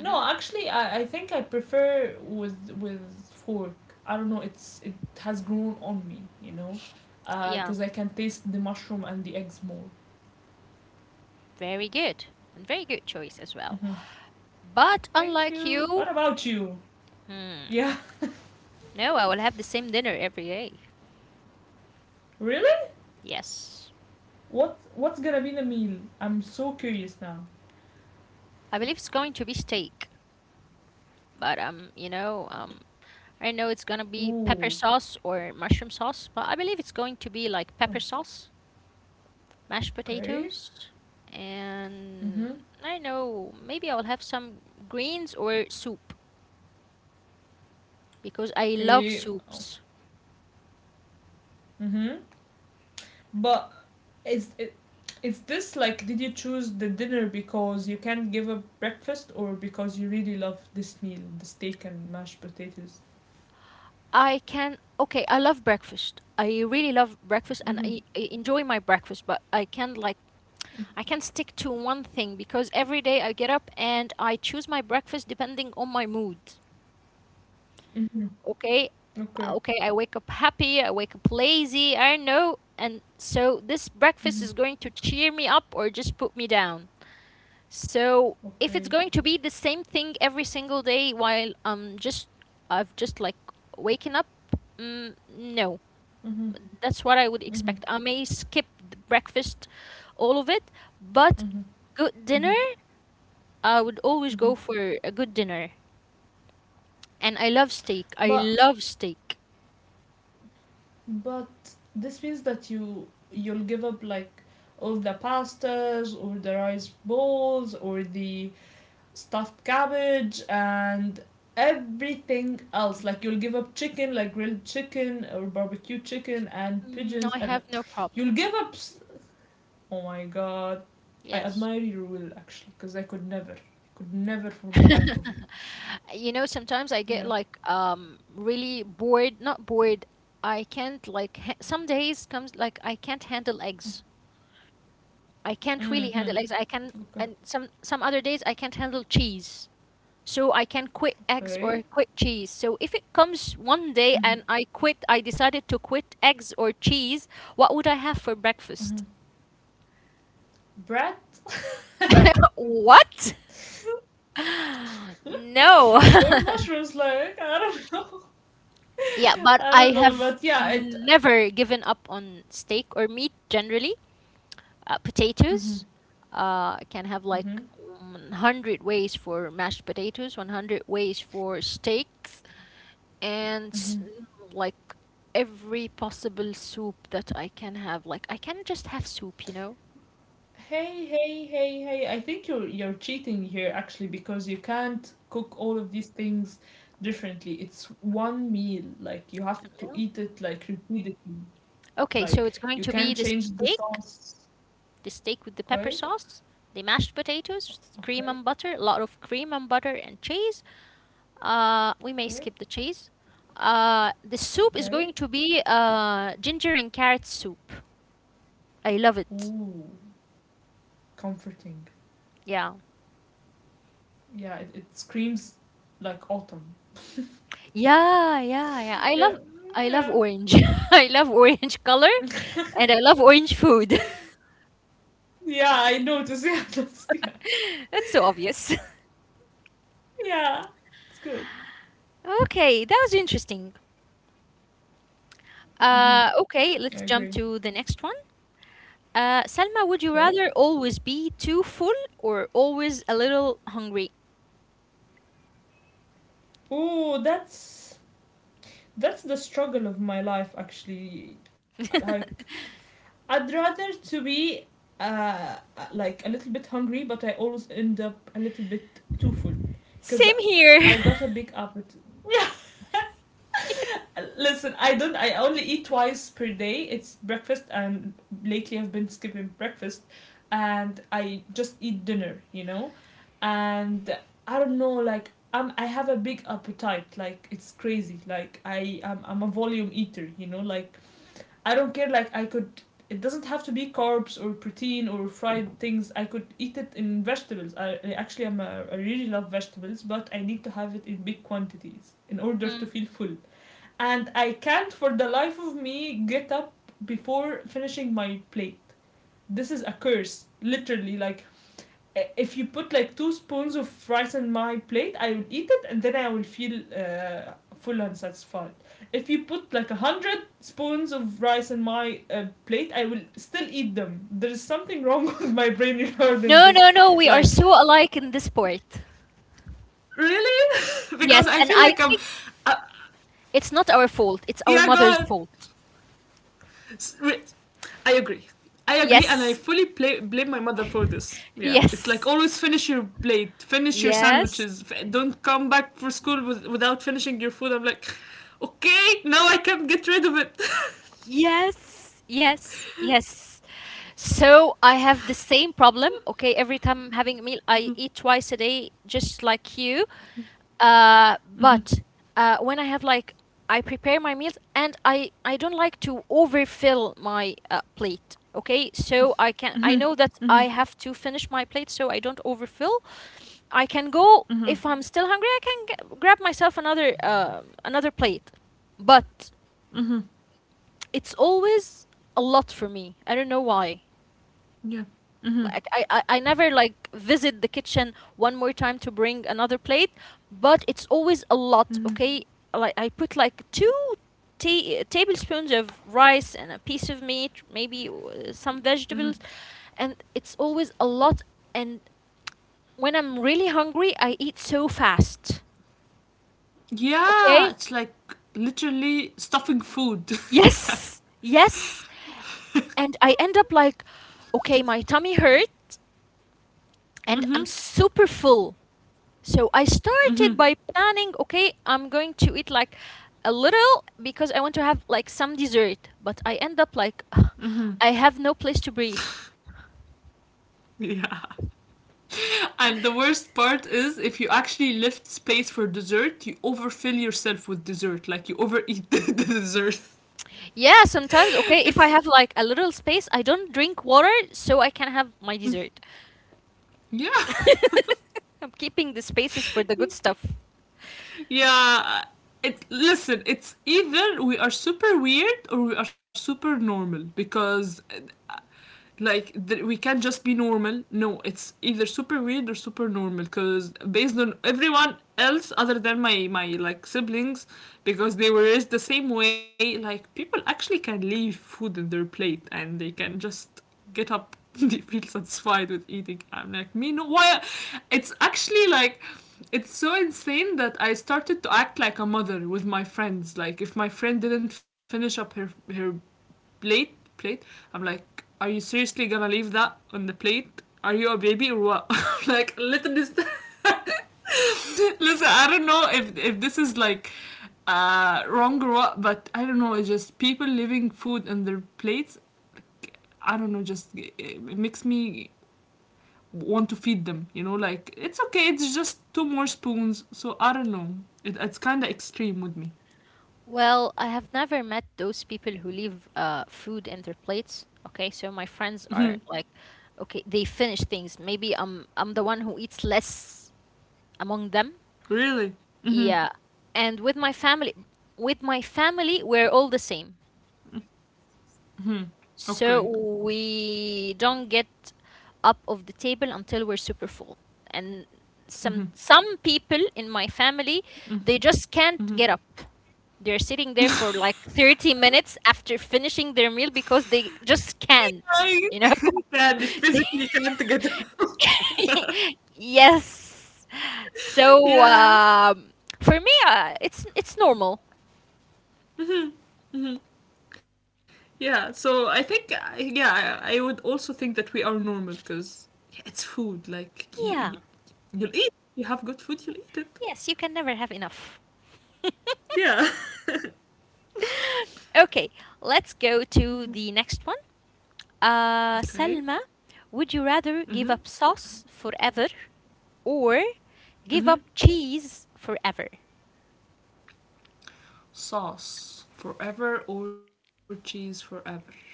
Speaker 2: No, actually, I think I prefer with fork. I don't know. It has grown on me, you know,
Speaker 1: Yeah,
Speaker 2: because I can taste the mushroom and the eggs more.
Speaker 1: very good. And very good choice as well.
Speaker 2: Mm-hmm.
Speaker 1: But
Speaker 2: Thank
Speaker 1: unlike
Speaker 2: you.
Speaker 1: you,
Speaker 2: What about you?
Speaker 1: hmm,
Speaker 2: Yeah.
Speaker 1: no, I will have the same dinner every day.
Speaker 2: Really?
Speaker 1: Yes.
Speaker 2: What's gonna be the meal? I'm so curious now.
Speaker 1: I believe it's going to be steak, but you know, I know it's gonna be pepper
Speaker 2: Ooh.
Speaker 1: sauce or mushroom sauce, but I believe it's going to be like pepper sauce, mashed
Speaker 2: Okay.
Speaker 1: potatoes,
Speaker 2: Mm-hmm.
Speaker 1: and I don't know, maybe I will have some greens or soup because I love
Speaker 2: Okay. Oh.
Speaker 1: soups.
Speaker 2: Mm-hmm. But is it? Is this like did you choose the dinner because you can't give up breakfast or because you really love this meal, the steak and mashed potatoes?
Speaker 1: I can, okay, I love breakfast. I really love breakfast and
Speaker 2: Mm-hmm.
Speaker 1: I enjoy my breakfast, but I can't like, I can't stick to one thing because every day I get up and I choose my breakfast depending on my mood.
Speaker 2: Mm-hmm.
Speaker 1: Okay,
Speaker 2: Okay.
Speaker 1: okay, I wake up happy, I wake up lazy, I don't know, and so this breakfast
Speaker 2: Mm-hmm.
Speaker 1: is going to cheer me up or just put me down. So if it's
Speaker 2: Okay.
Speaker 1: going to be the same thing every single day while I'm just, I've just like waking up, mm, no,
Speaker 2: Mm-hmm.
Speaker 1: that's what I would
Speaker 2: Mm-hmm.
Speaker 1: expect. I may skip the breakfast, all of it, but
Speaker 2: Mm-hmm.
Speaker 1: good dinner,
Speaker 2: Mm-hmm.
Speaker 1: I would always
Speaker 2: Mm-hmm.
Speaker 1: go for a good dinner, and I love steak, I
Speaker 2: But
Speaker 1: love steak.
Speaker 2: but this means that you'll give up like all the pastas or the rice bowls or the stuffed cabbage and everything else. Like you'll give up chicken, like grilled chicken or barbecue chicken and
Speaker 1: Mm, no,
Speaker 2: pigeons,
Speaker 1: I
Speaker 2: and
Speaker 1: have no problem.
Speaker 2: you'll give up. Oh my god, I
Speaker 1: Yes.
Speaker 2: admire your will actually, because I could never for the life of me.
Speaker 1: You know, sometimes I get
Speaker 2: Yeah.
Speaker 1: like really bored, not bored. I can't like ha some days comes like I can't handle eggs. I can't really
Speaker 2: Mm-hmm.
Speaker 1: handle eggs. I can,
Speaker 2: Okay.
Speaker 1: and some other days I can't handle cheese. So I can quit eggs
Speaker 2: Okay.
Speaker 1: or quit cheese. So if it comes one day
Speaker 2: Mm-hmm.
Speaker 1: and I quit, I decided to quit eggs or cheese, what would I have for
Speaker 2: Mm-hmm.
Speaker 1: breakfast?
Speaker 2: Bread
Speaker 1: What? No.
Speaker 2: or mushrooms, like I don't know,
Speaker 1: Yeah, but
Speaker 2: I
Speaker 1: I
Speaker 2: don't know,
Speaker 1: have
Speaker 2: but yeah, it.
Speaker 1: never given up on steak or meat generally.
Speaker 2: Mm-hmm.
Speaker 1: Potatoes, I can have
Speaker 2: Mm-hmm.
Speaker 1: like 100 ways for mashed potatoes, 100 ways for steaks, and
Speaker 2: Mm-hmm.
Speaker 1: like every possible soup that I can have. Like I can just have soup, you know?
Speaker 2: Hey, hey, hey, hey. I think you're cheating here actually because you can't cook all of these things differently. It's one meal. Like you have
Speaker 1: A
Speaker 2: to
Speaker 1: meal.
Speaker 2: eat it like repeatedly.
Speaker 1: Okay, so
Speaker 2: Like
Speaker 1: it's going
Speaker 2: you
Speaker 1: to be
Speaker 2: can change the sauce.
Speaker 1: the steak with the pepper
Speaker 2: Okay,
Speaker 1: sauce, the mashed potatoes, cream
Speaker 2: okay,
Speaker 1: and butter, a lot of cream and butter and cheese. We may
Speaker 2: okay,
Speaker 1: skip the cheese. The soup is
Speaker 2: okay.
Speaker 1: going to be ginger and carrot soup. I love it.
Speaker 2: Ooh, comforting.
Speaker 1: Yeah.
Speaker 2: Yeah, it screams like autumn.
Speaker 1: Yeah, yeah, yeah. I love,
Speaker 2: Yeah,
Speaker 1: I love
Speaker 2: yeah.
Speaker 1: orange. I love orange color and I love orange food.
Speaker 2: Yeah, I noticed. Yeah.
Speaker 1: That's so obvious.
Speaker 2: Yeah, it's good.
Speaker 1: Okay, that was interesting.
Speaker 2: Mm-hmm. I
Speaker 1: Okay,
Speaker 2: agree.
Speaker 1: let's jump to the next one. Salma, would you
Speaker 2: Okay.
Speaker 1: rather always be too full or always a little hungry?
Speaker 2: Ooh, that's the struggle of my life actually, like I'd rather to be uh like a little bit hungry, but I always end up a little bit too full because
Speaker 1: Same
Speaker 2: I
Speaker 1: here.
Speaker 2: got a big appetite. Listen, I don't. I only eat twice per day. It's breakfast, and lately I've been skipping breakfast, and I just eat dinner. You know, and I don't know. Like I have a big appetite. Like it's crazy. Like I'm a volume eater. You know, like I don't care. Like I could. It doesn't have to be carbs or protein or fried things. I could eat it in vegetables. I, actually, I'm a. I am a, I really love vegetables, but I need to have it in big quantities in order to feel full, and I can't for the life of me get up before finishing my plate. This is a curse, literally. Like, if you put like two spoons of rice in my plate, I will eat it and then I will feel full and satisfied. If you put like a hundred spoons of rice in my plate, I will still eat them. There is something wrong with my brain regarding
Speaker 1: No,
Speaker 2: this.
Speaker 1: no, no. We are
Speaker 2: Like,
Speaker 1: so alike in this part.
Speaker 2: really?
Speaker 1: Yes,
Speaker 2: because I
Speaker 1: and
Speaker 2: feel
Speaker 1: I
Speaker 2: like I'm.
Speaker 1: think
Speaker 2: Uh,
Speaker 1: it's not our fault. It's our
Speaker 2: yeah, go
Speaker 1: mother's
Speaker 2: ahead.
Speaker 1: fault.
Speaker 2: I agree.
Speaker 1: Yes,
Speaker 2: And I fully blame my mother for this. Yeah, it's like
Speaker 1: yes,
Speaker 2: always finish your plate, finish your
Speaker 1: yes.
Speaker 2: sandwiches. Don't come back for school with, without finishing your food. I'm like, okay, now I can get rid of it.
Speaker 1: Yes, yes, yes. So I have the same problem. Okay, every time I'm having a meal, I eat twice a day, just like you. But When I have like, I prepare my meals, and I don't like to overfill my plate. Okay, so I can, I know that I have to finish my plate, so I don't overfill. I can go
Speaker 2: Mm-hmm.
Speaker 1: if I'm still hungry. I can g grab myself another another plate, but
Speaker 2: Mm-hmm.
Speaker 1: it's always a lot for me. I don't know why.
Speaker 2: Yeah. Mm-hmm.
Speaker 1: Like I never like visit the kitchen one more time to bring another plate, but it's always a lot,
Speaker 2: Mm-hmm.
Speaker 1: okay? Like I put like two tablespoons of rice and a piece of meat, maybe some
Speaker 2: Mm-hmm.
Speaker 1: vegetables, and it's always a lot, and when I'm really hungry, I eat so fast.
Speaker 2: Yeah,
Speaker 1: Okay?
Speaker 2: it's like literally stuffing food. Yeah.
Speaker 1: Yes. Yes. And I end up like, okay, my tummy hurt and I'm
Speaker 2: Mm-hmm.
Speaker 1: super full. So I
Speaker 2: Mm-hmm.
Speaker 1: started by planning, okay, I'm going to eat like a little because I want to have like some dessert, but I end up like, I have no place to breathe.
Speaker 2: Yeah. And the worst part is if you actually left space for dessert, you overfill yourself with dessert. Like you overeat the dessert.
Speaker 1: Yeah, sometimes, okay, if
Speaker 2: It's
Speaker 1: I have like a little space, I don't drink water so I can have my dessert.
Speaker 2: yeah.
Speaker 1: I'm keeping the spaces for the good stuff.
Speaker 2: Yeah. It, listen, it's either we are super weird or we are super normal because like we can't just be normal. No, it's either super weird or super normal, because based on everyone else other than my like siblings, because they were raised the same way, like people actually can leave food in their plate and they can just get up. They feel satisfied with eating. I'm like, me, no, why? It's actually like it's so insane that I started to act like a mother with my friends. Like if my friend didn't finish up her her plate, I'm like, are you seriously gonna leave that on the plate? Are you a baby or what? Like, listen, this listen, I don't know if this is like wrong or what, but I don't know. It's just people leaving food on their plates, I don't know, just it makes me want to feed them, you know, like it's okay, it's just two more spoons, so I don't know, it's kind of extreme with me.
Speaker 1: Well, I have never met those people who leave food in their plates. Okay, so my friends
Speaker 2: Mhm.
Speaker 1: are like, okay, they finish things. Maybe I'm the one who eats less among them.
Speaker 2: Really? Mm-hmm.
Speaker 1: Yeah. And with my family, we're all the same.
Speaker 2: Mm-hmm. Okay.
Speaker 1: So we don't get up of the table until we're super full. And some people in my family, they just can't get up. They're sitting there for like 30 minutes after finishing their meal because they just can't,
Speaker 2: I
Speaker 1: you know?
Speaker 2: can
Speaker 1: They-
Speaker 2: physically can't get up.
Speaker 1: Yes. So
Speaker 2: Yeah.
Speaker 1: for me, it's normal.
Speaker 2: Mhm, mhm. Yeah. So I think, yeah, I would also think that we are normal because yeah, it's food. Like,
Speaker 1: Yeah.
Speaker 2: you'll eat. You have good food, you'll eat it.
Speaker 1: Yes, you can never have enough.
Speaker 2: Yeah.
Speaker 1: Okay, let's go to the next one.
Speaker 2: Okay.
Speaker 1: Salma, would you rather
Speaker 2: Mm
Speaker 1: give
Speaker 2: hmm.
Speaker 1: up sauce forever or
Speaker 2: Mm
Speaker 1: give
Speaker 2: hmm.
Speaker 1: up cheese forever?
Speaker 2: Sauce forever or cheese forever? Okay.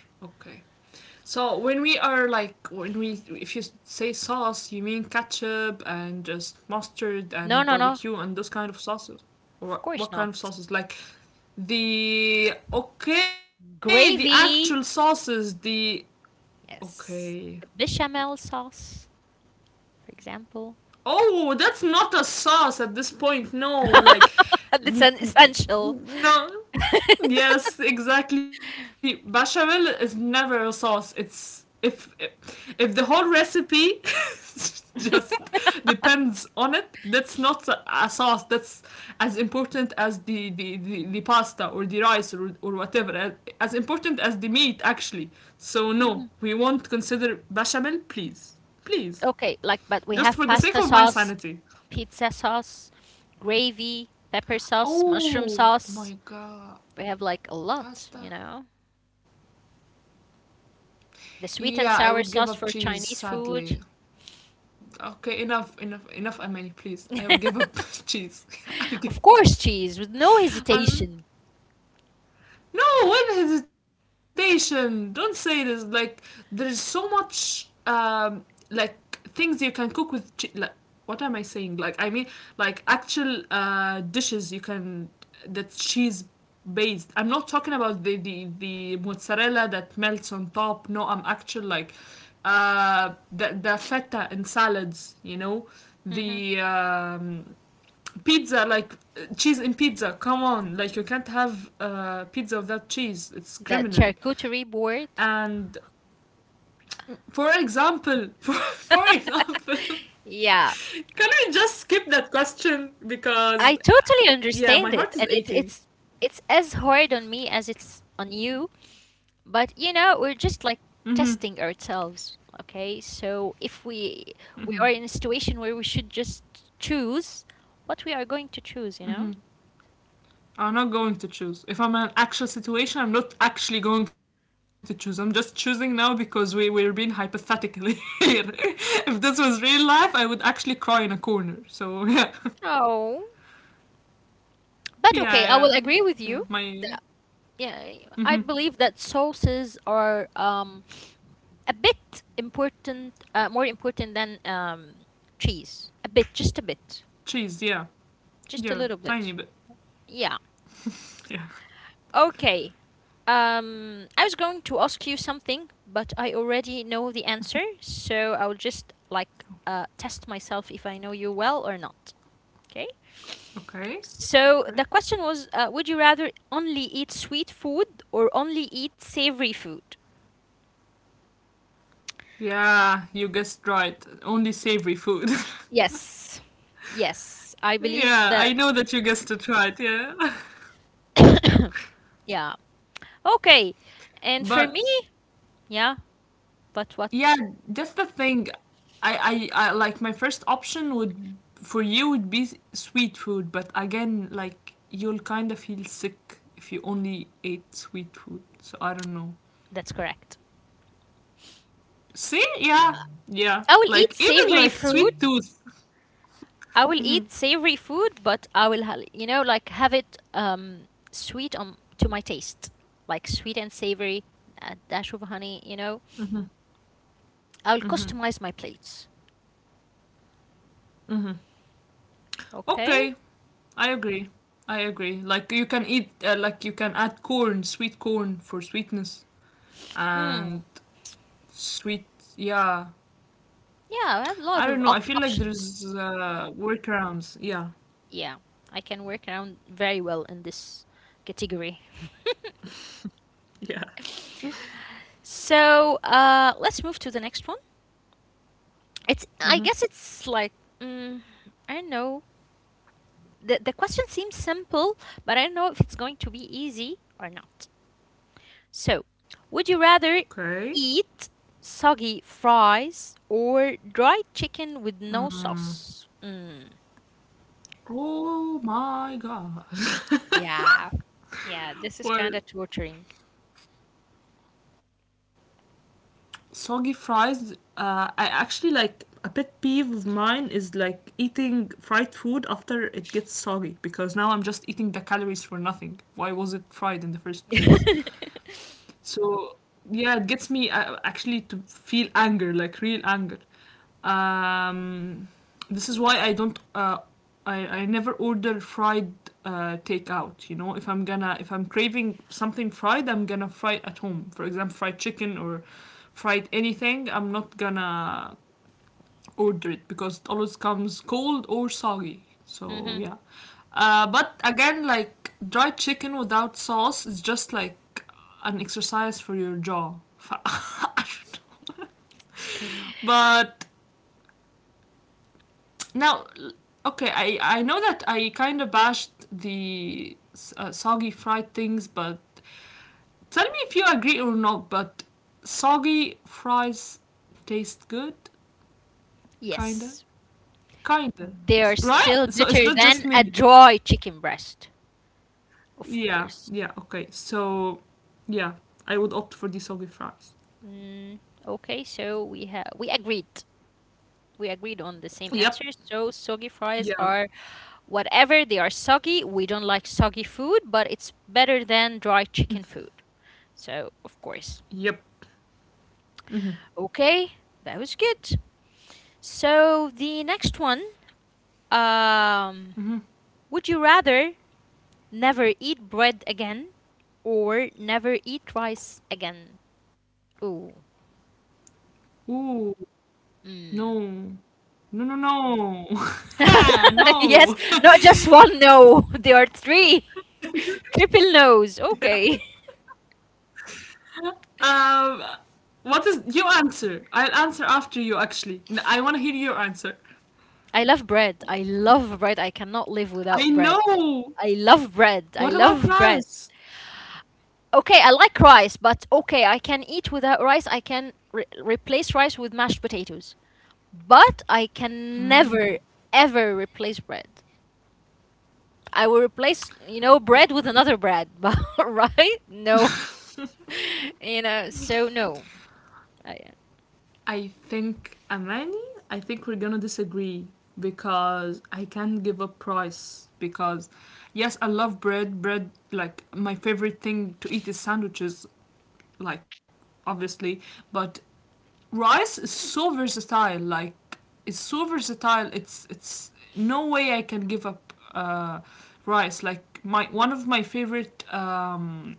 Speaker 2: So when we if you say sauce, you mean ketchup and just mustard and
Speaker 1: No, no, no.
Speaker 2: barbecue and those kind of sauces. Or what,
Speaker 1: Of
Speaker 2: what
Speaker 1: course
Speaker 2: kind
Speaker 1: not.
Speaker 2: of sauces? Like the actual
Speaker 1: Gravy.
Speaker 2: sauces, the okay.
Speaker 1: Yes. The bechamel sauce, for example.
Speaker 2: Oh, that's not a sauce at this point. No, like
Speaker 1: That's
Speaker 2: n-
Speaker 1: an
Speaker 2: n-
Speaker 1: essential.
Speaker 2: no. Yes, exactly. Bechamel is never a sauce. It's if the whole recipe just depends on it, that's not a sauce. That's as important as the pasta or the rice or whatever. As important as the meat actually. So no,
Speaker 1: Mhm.
Speaker 2: we won't consider bechamel, please. Please.
Speaker 1: Okay, like, but we
Speaker 2: Just
Speaker 1: have
Speaker 2: for the sake
Speaker 1: pasta
Speaker 2: of my
Speaker 1: sauce,
Speaker 2: sanity.
Speaker 1: pizza sauce, gravy, pepper sauce, mushroom
Speaker 2: Oh
Speaker 1: sauce.
Speaker 2: my god.
Speaker 1: We have like a lot, you
Speaker 2: Pasta?
Speaker 1: know?
Speaker 2: Yeah,
Speaker 1: The
Speaker 2: I would
Speaker 1: sweet
Speaker 2: give
Speaker 1: and
Speaker 2: up
Speaker 1: sour
Speaker 2: cheese,
Speaker 1: sauce for Chinese
Speaker 2: sadly.
Speaker 1: food.
Speaker 2: Okay, enough, Armani, please. I will give up cheese. I'll give.
Speaker 1: Of course, cheese with no
Speaker 2: I'm
Speaker 1: hesitation.
Speaker 2: No, with hesitation. Don't say this. Like there is so much like things you can cook with. Like, what am I saying? Like I mean, like actual dishes you can that cheese based. I'm not talking about the mozzarella that melts on top. No, I'm actual like the feta in salads. You know
Speaker 1: hmm
Speaker 2: the pizza like cheese in pizza, come on, like you can't have pizza without cheese. It's
Speaker 1: That
Speaker 2: criminal
Speaker 1: charcuterie board.
Speaker 2: and for example for example.
Speaker 1: Yeah,
Speaker 2: Can we just skip that question because
Speaker 1: I totally
Speaker 2: yeah, my
Speaker 1: understand
Speaker 2: heart
Speaker 1: it,
Speaker 2: is
Speaker 1: and it's
Speaker 2: aching.
Speaker 1: it's it's as hard on me as it's on you. But you know, we're
Speaker 2: Mm-hmm,
Speaker 1: just like testing ourselves. Okay, so if we
Speaker 2: mm-hmm,
Speaker 1: we are in a situation where we should just choose what we are going to choose, you know.
Speaker 2: mm-hmm. I'm not going to choose. If I'm in an actual situation, I'm not actually going to choose. I'm just choosing now because we're being hypothetically here. If this was real life, I would actually cry in a corner. So
Speaker 1: Oh, but
Speaker 2: yeah,
Speaker 1: okay, I
Speaker 2: yeah,
Speaker 1: will
Speaker 2: yeah.
Speaker 1: agree with
Speaker 2: Yeah,
Speaker 1: you.
Speaker 2: my
Speaker 1: Yeah, I
Speaker 2: hmm
Speaker 1: believe that sauces are a bit important, more important than cheese. A bit, just a bit,
Speaker 2: cheese. Yeah,
Speaker 1: just
Speaker 2: yeah,
Speaker 1: a little
Speaker 2: tiny
Speaker 1: bit.
Speaker 2: bit.
Speaker 1: Yeah.
Speaker 2: Yeah.
Speaker 1: Okay. I was going to ask you something, but I already know the answer, so I'll just like test myself if I know you well or not. Okay.
Speaker 2: Okay.
Speaker 1: So the
Speaker 2: Okay.
Speaker 1: question was, would you rather only eat sweet food or only eat savory food?
Speaker 2: Yeah, you guessed right. Only savory food.
Speaker 1: Yes. Yes. I
Speaker 2: Yeah,
Speaker 1: believe
Speaker 2: I know
Speaker 1: that.
Speaker 2: that you guessed it right. Yeah,
Speaker 1: Yeah. Okay. And for
Speaker 2: but
Speaker 1: me, yeah, but what?
Speaker 2: yeah, that's the thing. I like my first option would for you would be sweet food, but again, like you'll kind of feel sick if you only ate sweet food. So I don't know.
Speaker 1: That's correct.
Speaker 2: See? Yeah, yeah.
Speaker 1: I will eat
Speaker 2: Like even
Speaker 1: savory
Speaker 2: like
Speaker 1: food.
Speaker 2: sweet tooth.
Speaker 1: I will eat savory food, but I will, you know, like have it sweet on to my taste, like sweet and savory, a dash of honey. You know, I will
Speaker 2: Mm-hmm.
Speaker 1: customize my plates.
Speaker 2: Mm-hmm.
Speaker 1: Okay.
Speaker 2: Okay, I agree. I agree. Like you can eat, like you can add corn, sweet corn for sweetness, and
Speaker 1: Hmm.
Speaker 2: sweet. Yeah,
Speaker 1: Yeah, I have a lot
Speaker 2: I
Speaker 1: of
Speaker 2: don't know. I
Speaker 1: op-
Speaker 2: feel like
Speaker 1: options.
Speaker 2: there's workarounds. Yeah.
Speaker 1: Yeah, I can work around very well in this category.
Speaker 2: Yeah.
Speaker 1: So let's move to the next one. It's I
Speaker 2: Mm-hmm.
Speaker 1: guess it's like mm, I don't know. The question seems simple, but I don't know if it's going to be easy or not. So, would you
Speaker 2: Okay.
Speaker 1: rather eat soggy fries or dried chicken with no sauce? Mm,
Speaker 2: Oh my god.
Speaker 1: yeah, yeah. This is kind
Speaker 2: Well,
Speaker 1: of torturing.
Speaker 2: soggy fries, I actually, like a pet peeve of mine is like eating fried food after it gets soggy, because now I'm just eating the calories for nothing. Why was it fried in the first place? So yeah, it gets me, actually, to feel anger, like real anger. um, this is why I don't. I never order fried takeout. You know, if I'm craving something fried, I'm gonna fry it at home. For example, fried chicken or fried anything. I'm not gonna order it because it always comes cold or soggy. So
Speaker 1: hmm.
Speaker 2: yeah. But again, like dried chicken without sauce is just like an exercise for your jaw. I don't know. But now, okay, I know that I kind of bashed the soggy fried things, but tell me if you agree or not. But soggy fries taste good, kinda,
Speaker 1: Yes,
Speaker 2: kinda,
Speaker 1: they are
Speaker 2: right?
Speaker 1: still
Speaker 2: So it's
Speaker 1: better
Speaker 2: not
Speaker 1: than
Speaker 2: just
Speaker 1: a
Speaker 2: me.
Speaker 1: dry chicken breast, of
Speaker 2: Yeah,
Speaker 1: course.
Speaker 2: yeah, okay. So, yeah, I would opt for the soggy fries.
Speaker 1: Mm, okay, so we agreed. We agreed on the same
Speaker 2: Yep,
Speaker 1: answer. So soggy fries
Speaker 2: yeah,
Speaker 1: are whatever they are soggy. We don't like soggy food, but it's better than dry chicken food. So of course.
Speaker 2: yep. Hmm.
Speaker 1: Okay, that was good. So the next one, um, would you rather never eat bread again or never eat rice again? Ooh.
Speaker 2: Ooh,
Speaker 1: Mm.
Speaker 2: no, no,
Speaker 1: yes,
Speaker 2: no.
Speaker 1: not just one, no. There are three. Triple nose.
Speaker 2: Yeah.
Speaker 1: Okay.
Speaker 2: Um, what is you answer? I'll answer after you. Actually, I want to hear your answer.
Speaker 1: I love bread. I love bread. I cannot live without
Speaker 2: I
Speaker 1: bread.
Speaker 2: know.
Speaker 1: I love bread. I
Speaker 2: What about
Speaker 1: love bread.
Speaker 2: Raz?
Speaker 1: Okay, I like rice, but okay, I can eat without rice. I can replace rice with mashed potatoes. But I can never, ever replace bread. I will replace, you know, bread with another bread, but right? No. You know, so no. I,
Speaker 2: I think Amani. I think we're gonna disagree because I can't give a price because yes, I love bread. Bread, like my favorite thing to eat is sandwiches. Like obviously, but rice is so versatile. Like it's so versatile it's no way I can give up rice. Like my one of my favorite um,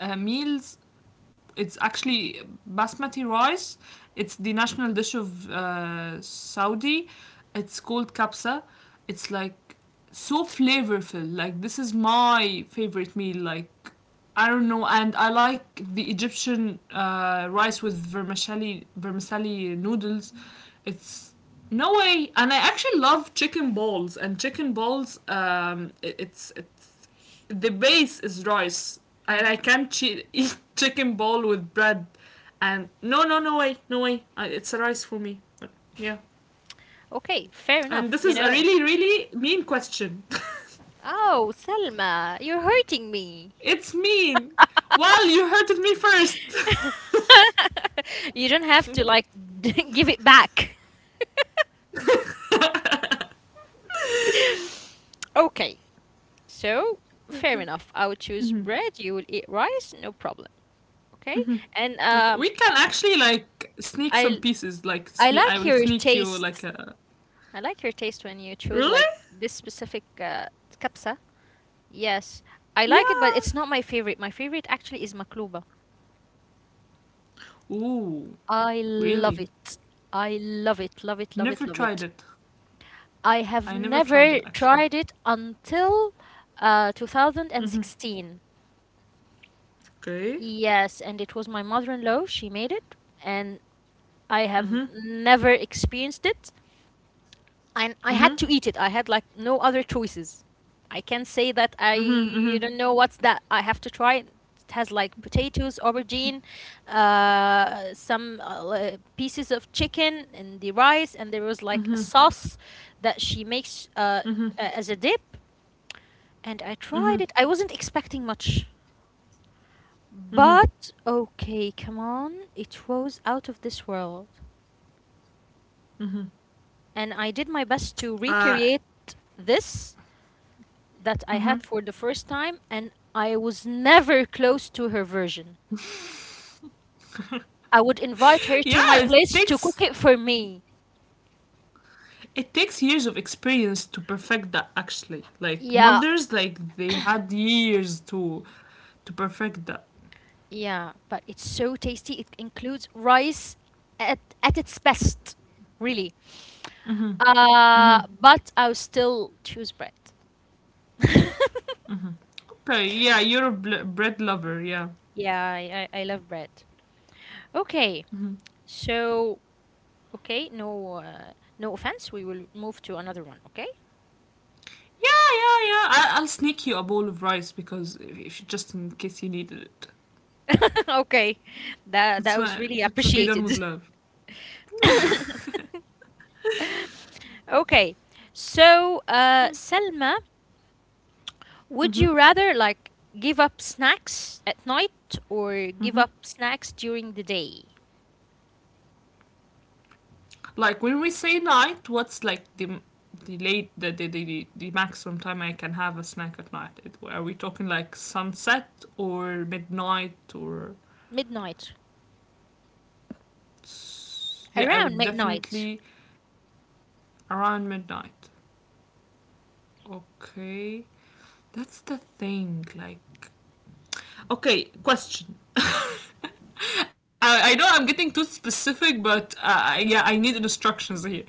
Speaker 2: uh, meals, it's actually basmati rice. It's the national dish of Saudi. It's called kabsa. It's like so flavorful. Like this is my favorite meal. Like I don't know, and I like the Egyptian rice with vermicelli noodles. It's no way, and I actually love chicken balls and chicken balls. It's the base is rice, and I
Speaker 1: mhm.
Speaker 2: can't eat chicken ball with bread. And no, no, no way, no way. It's a rice for me. Yeah.
Speaker 1: Okay, fair
Speaker 2: And
Speaker 1: enough,
Speaker 2: this
Speaker 1: you
Speaker 2: is a
Speaker 1: know.
Speaker 2: really, really mean question.
Speaker 1: Oh, Selma, you're hurting me.
Speaker 2: It's mean. Well, you hurted me first.
Speaker 1: you don't have to
Speaker 2: Okay.
Speaker 1: like give it back. Okay, so fair
Speaker 2: Okay.
Speaker 1: enough. I would choose bread. You will eat rice, no problem. Okay, and
Speaker 2: We can actually like sneak some
Speaker 1: I
Speaker 2: pieces. Like
Speaker 1: I
Speaker 2: sneak, I
Speaker 1: like
Speaker 2: will
Speaker 1: your
Speaker 2: sneak you like
Speaker 1: taste.
Speaker 2: a.
Speaker 1: I like your taste when you choose like
Speaker 2: Really?
Speaker 1: this specific kapsa. Yes, I like it, but it's
Speaker 2: Yeah.
Speaker 1: not my favorite. My favorite actually is makluba.
Speaker 2: Ooh,
Speaker 1: I love
Speaker 2: really?
Speaker 1: it. I love it, love it, love
Speaker 2: Never
Speaker 1: it, love
Speaker 2: tried
Speaker 1: it.
Speaker 2: it.
Speaker 1: I have
Speaker 2: I never tried
Speaker 1: never
Speaker 2: it actually.
Speaker 1: tried it until
Speaker 2: Mm-hmm.
Speaker 1: 2016.
Speaker 2: Okay.
Speaker 1: Yes, and it was my mother-in-law. She made it, and I
Speaker 2: Mm-hmm.
Speaker 1: have never experienced it. And I
Speaker 2: Mm-hmm.
Speaker 1: had to eat it. I had like no other choices. I can't say that
Speaker 2: Mm-hmm,
Speaker 1: I
Speaker 2: mm-hmm,
Speaker 1: don't know what's that. I have to try it. It has like potatoes, aubergine, some pieces of chicken, and the rice, and there was like a
Speaker 2: mm-hmm,
Speaker 1: sauce that she makes
Speaker 2: mm-hmm,
Speaker 1: as a dip. And I
Speaker 2: mm-hmm, mm-hmm,
Speaker 1: tried it. I wasn't expecting much.
Speaker 2: mm-hmm, mm-hmm,
Speaker 1: But okay, come on. It was out of this world.
Speaker 2: mm-hmm, mm-hmm.
Speaker 1: And I did my best to
Speaker 2: Uh,
Speaker 1: recreate this that I
Speaker 2: mm-hmm.
Speaker 1: had for the first time, and I was never close to her version. I would invite her to
Speaker 2: Yeah,
Speaker 1: my place to cook it for me.
Speaker 2: it takes years of experience to perfect that. Actually, like
Speaker 1: Yeah,
Speaker 2: mothers, like they had years to perfect that.
Speaker 1: yeah, but it's so tasty. It includes rice at its best, really.
Speaker 2: Mm-hmm.
Speaker 1: But I'll still choose bread.
Speaker 2: Okay, yeah, you're a bread lover. Yeah,
Speaker 1: Yeah, I love bread. Okay, so okay, no no offense. We will move to another one. Okay,
Speaker 2: yeah, yeah, yeah. I- I'll sneak you a bowl of rice because if just in case you needed it,
Speaker 1: okay, that that
Speaker 2: it's
Speaker 1: was really
Speaker 2: fine. It will be done
Speaker 1: appreciated.
Speaker 2: with love.
Speaker 1: Okay, so Selma, would you rather like give up snacks at night or give up snacks during the day?
Speaker 2: Like when we say night, what's like the late the maximum time I can have a snack at night? It, are we talking like sunset or midnight or
Speaker 1: Midnight,
Speaker 2: yeah? I
Speaker 1: around
Speaker 2: would
Speaker 1: midnight.
Speaker 2: definitely around midnight. Okay, that's the thing. Like okay, question. I know I'm getting too specific, but yeah, I need instructions here.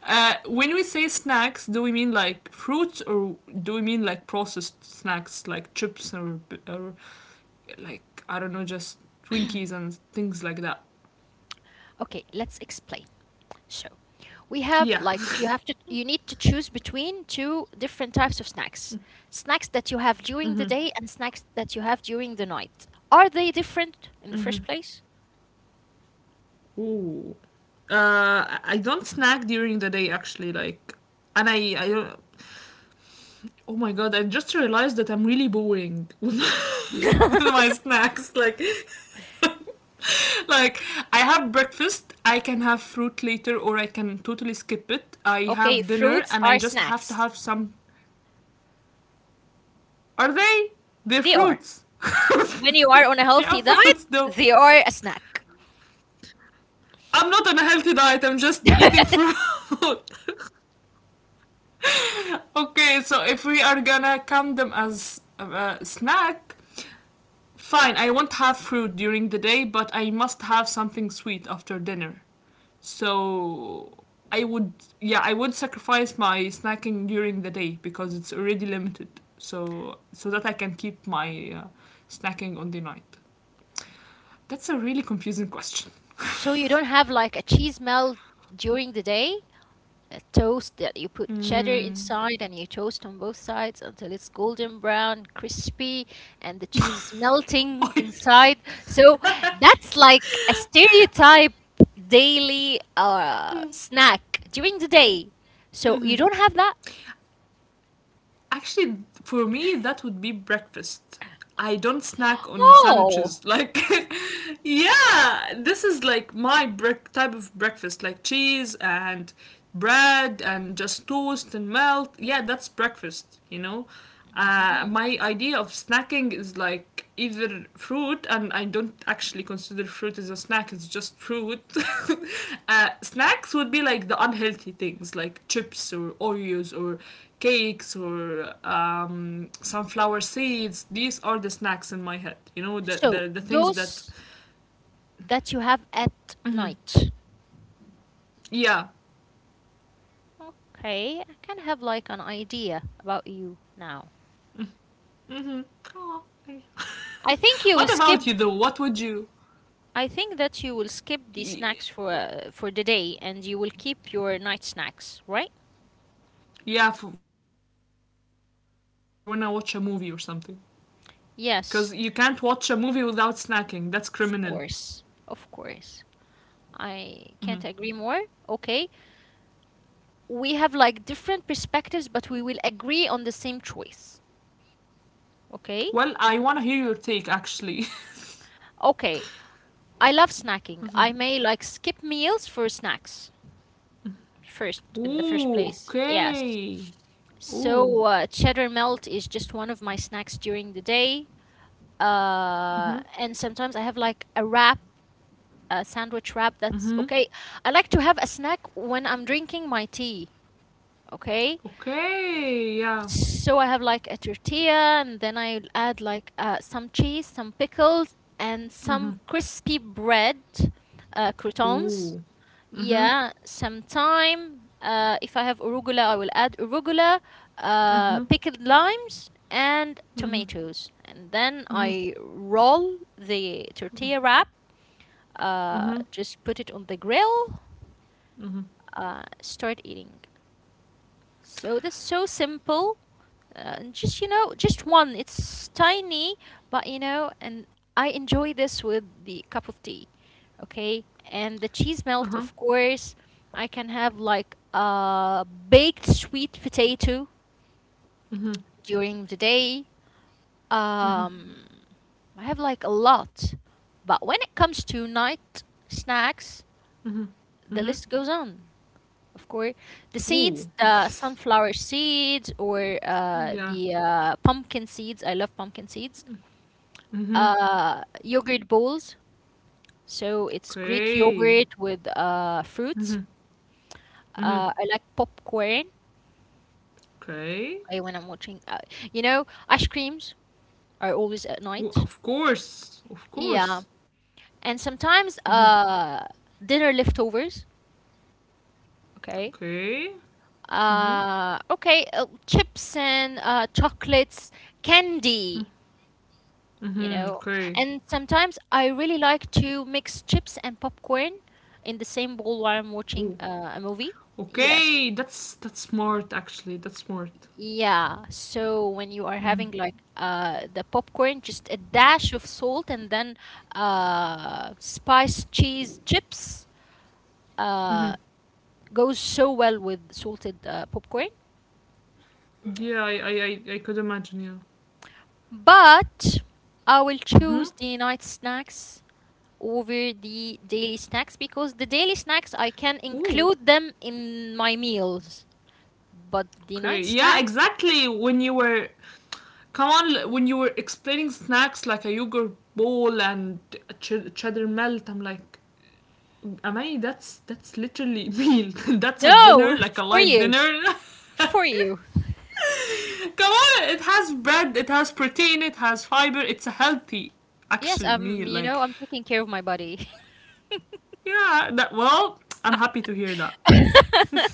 Speaker 2: When we say snacks, do we mean like fruits or do we mean like processed snacks like chips, or like, I don't know, just Twinkies and things like that?
Speaker 1: Okay, let's explain. So we have
Speaker 2: Yeah.
Speaker 1: like you need to choose between two different types of snacks. Snacks that you have during the day and snacks that you have during the night. Are they different in the first place?
Speaker 2: Ooh. I don't snack during the day actually, like, and I don't. Oh my god, I just realized that I'm really boring with with my snacks. Like, like I have breakfast, I can have fruit later, or I can totally skip it. I
Speaker 1: Okay,
Speaker 2: have dinner,
Speaker 1: fruits
Speaker 2: and I
Speaker 1: are
Speaker 2: just have to
Speaker 1: snacks.
Speaker 2: have some. Are they? They're
Speaker 1: They are.
Speaker 2: fruits.
Speaker 1: When you are on a
Speaker 2: They are
Speaker 1: healthy diet,
Speaker 2: fruits, though.
Speaker 1: they are a snack.
Speaker 2: I'm not on a healthy diet. I'm just eating fruit. Okay, so if we are gonna count them as a snack, fine, I won't have fruit during the day, but I must have something sweet after dinner. So I would, yeah, I would sacrifice my snacking during the day because it's already limited. So so that I can keep my snacking on the night. That's a really confusing question.
Speaker 1: So you don't have like a cheese melt during the day, a toast that you put cheddar
Speaker 2: Mm.
Speaker 1: inside and you toast on both sides until it's golden brown, crispy, and the cheese is melting inside. So that's like a stereotype daily snack during the day. So you don't have that?
Speaker 2: Actually, for me, that would be breakfast. I don't snack on
Speaker 1: Oh.
Speaker 2: sandwiches. Like, yeah, this is like my break type of breakfast, like cheese and bread and just toast and melt. Yeah, that's breakfast, you know.
Speaker 1: Mhm.
Speaker 2: My idea of snacking is like either fruit, and I don't actually consider fruit as a snack, it's just fruit. Uh, snacks would be like the unhealthy things, like chips or Oreos or cakes or sunflower seeds. These are the snacks in my head. You know,
Speaker 1: So
Speaker 2: the things that.
Speaker 1: those that you have at
Speaker 2: Mhm.
Speaker 1: night.
Speaker 2: Yeah.
Speaker 1: Okay, I kind of have like an idea about you now.
Speaker 2: Hmm.
Speaker 1: I think you will
Speaker 2: What
Speaker 1: skip
Speaker 2: about you though? What would you?
Speaker 1: I think that you will skip the snacks for for the day and you will keep your night snacks, right?
Speaker 2: Yeah, for yeah, for when I watch a movie or something. Because you can't watch a movie
Speaker 1: Yes,
Speaker 2: without snacking. That's criminal.
Speaker 1: of course. Of course.
Speaker 2: Hmm.
Speaker 1: I can't agree more. Okay. We have like different perspectives, but we will agree on the same choice. Okay?
Speaker 2: Well, I want to hear your take actually.
Speaker 1: Okay. I love snacking. I may like skip meals for snacks first in the first
Speaker 2: Ooh,
Speaker 1: place. Yes.
Speaker 2: okay. Ooh.
Speaker 1: So cheddar melt is just one of my snacks during the day, uh, and sometimes I have like a sandwich wrap. That's
Speaker 2: Mm-hmm.
Speaker 1: okay. I like to have a snack when I'm drinking my tea. Okay.
Speaker 2: Okay. Yeah.
Speaker 1: So I have like a tortilla and then I add like some cheese, some pickles, and some crispy
Speaker 2: Mm-hmm.
Speaker 1: bread, croutons.
Speaker 2: Ooh.
Speaker 1: Yeah,
Speaker 2: Mm-hmm.
Speaker 1: some thyme. If I have arugula, I will add arugula, pickled
Speaker 2: Mm-hmm.
Speaker 1: limes, and tomatoes. And then I roll the tortilla wrap, just put it on the grill, start eating. So that's so simple. And just you know, just one. It's tiny, but you know, and I enjoy this with the cup of tea. Okay, and the cheese melt, of course. I can have like a baked sweet potato
Speaker 2: Mm-hmm.
Speaker 1: during the day. Um,
Speaker 2: Mm-hmm.
Speaker 1: I have like a lot, but when it comes to night snacks,
Speaker 2: Mm-hmm.
Speaker 1: the list
Speaker 2: Mm-hmm.
Speaker 1: goes on. Of course. The seeds,
Speaker 2: Mm-hmm.
Speaker 1: the
Speaker 2: Ooh.
Speaker 1: sunflower seeds or the
Speaker 2: Yeah.
Speaker 1: pumpkin seeds. I love pumpkin seeds.
Speaker 2: Mm-hmm.
Speaker 1: Yogurt bowls. So it's Greek
Speaker 2: Okay.
Speaker 1: yogurt with fruits.
Speaker 2: Mm-hmm.
Speaker 1: I
Speaker 2: Mm-hmm.
Speaker 1: like popcorn, I,
Speaker 2: Okay.
Speaker 1: when I'm watching. You know, ice creams are always at night.
Speaker 2: Ooh, of course. Of
Speaker 1: Yeah.
Speaker 2: course.
Speaker 1: And sometimes
Speaker 2: Mm-hmm.
Speaker 1: dinner leftovers. Okay.
Speaker 2: Okay. Mm-hmm.
Speaker 1: Okay. Chips and chocolates, candy. You know.
Speaker 2: Mm-hmm.
Speaker 1: And
Speaker 2: Okay.
Speaker 1: sometimes I really like to mix chips and popcorn in the same bowl while I'm
Speaker 2: Ooh.
Speaker 1: watching a movie. Yes.
Speaker 2: Okay. That's smart actually. That's smart.
Speaker 1: Yeah. So when you are having
Speaker 2: Mm-hmm.
Speaker 1: like the popcorn, just a dash of salt and then spice cheese chips
Speaker 2: Mm-hmm.
Speaker 1: uh goes so well with salted popcorn.
Speaker 2: Yeah, I could imagine, yeah.
Speaker 1: But I will
Speaker 2: Mm-hmm.
Speaker 1: choose the night snacks over the daily snacks because the daily snacks I can
Speaker 2: Ooh.
Speaker 1: include them in my meals, but the
Speaker 2: Okay.
Speaker 1: night
Speaker 2: Yeah,
Speaker 1: snacks,
Speaker 2: exactly. When you were come on when you were explaining snacks like a yogurt bowl and a cheddar melt, I'm like, Amani, that's literally meal. That's a dinner,
Speaker 1: no,
Speaker 2: like a
Speaker 1: for
Speaker 2: light
Speaker 1: you,
Speaker 2: dinner.
Speaker 1: for you.
Speaker 2: Come on, it has bread, it has protein, it has fiber. It's a healthy
Speaker 1: Yes,
Speaker 2: actual
Speaker 1: I'm,
Speaker 2: meal.
Speaker 1: you
Speaker 2: Like,
Speaker 1: know, I'm taking care of my body.
Speaker 2: yeah, that. Well, I'm happy to hear that.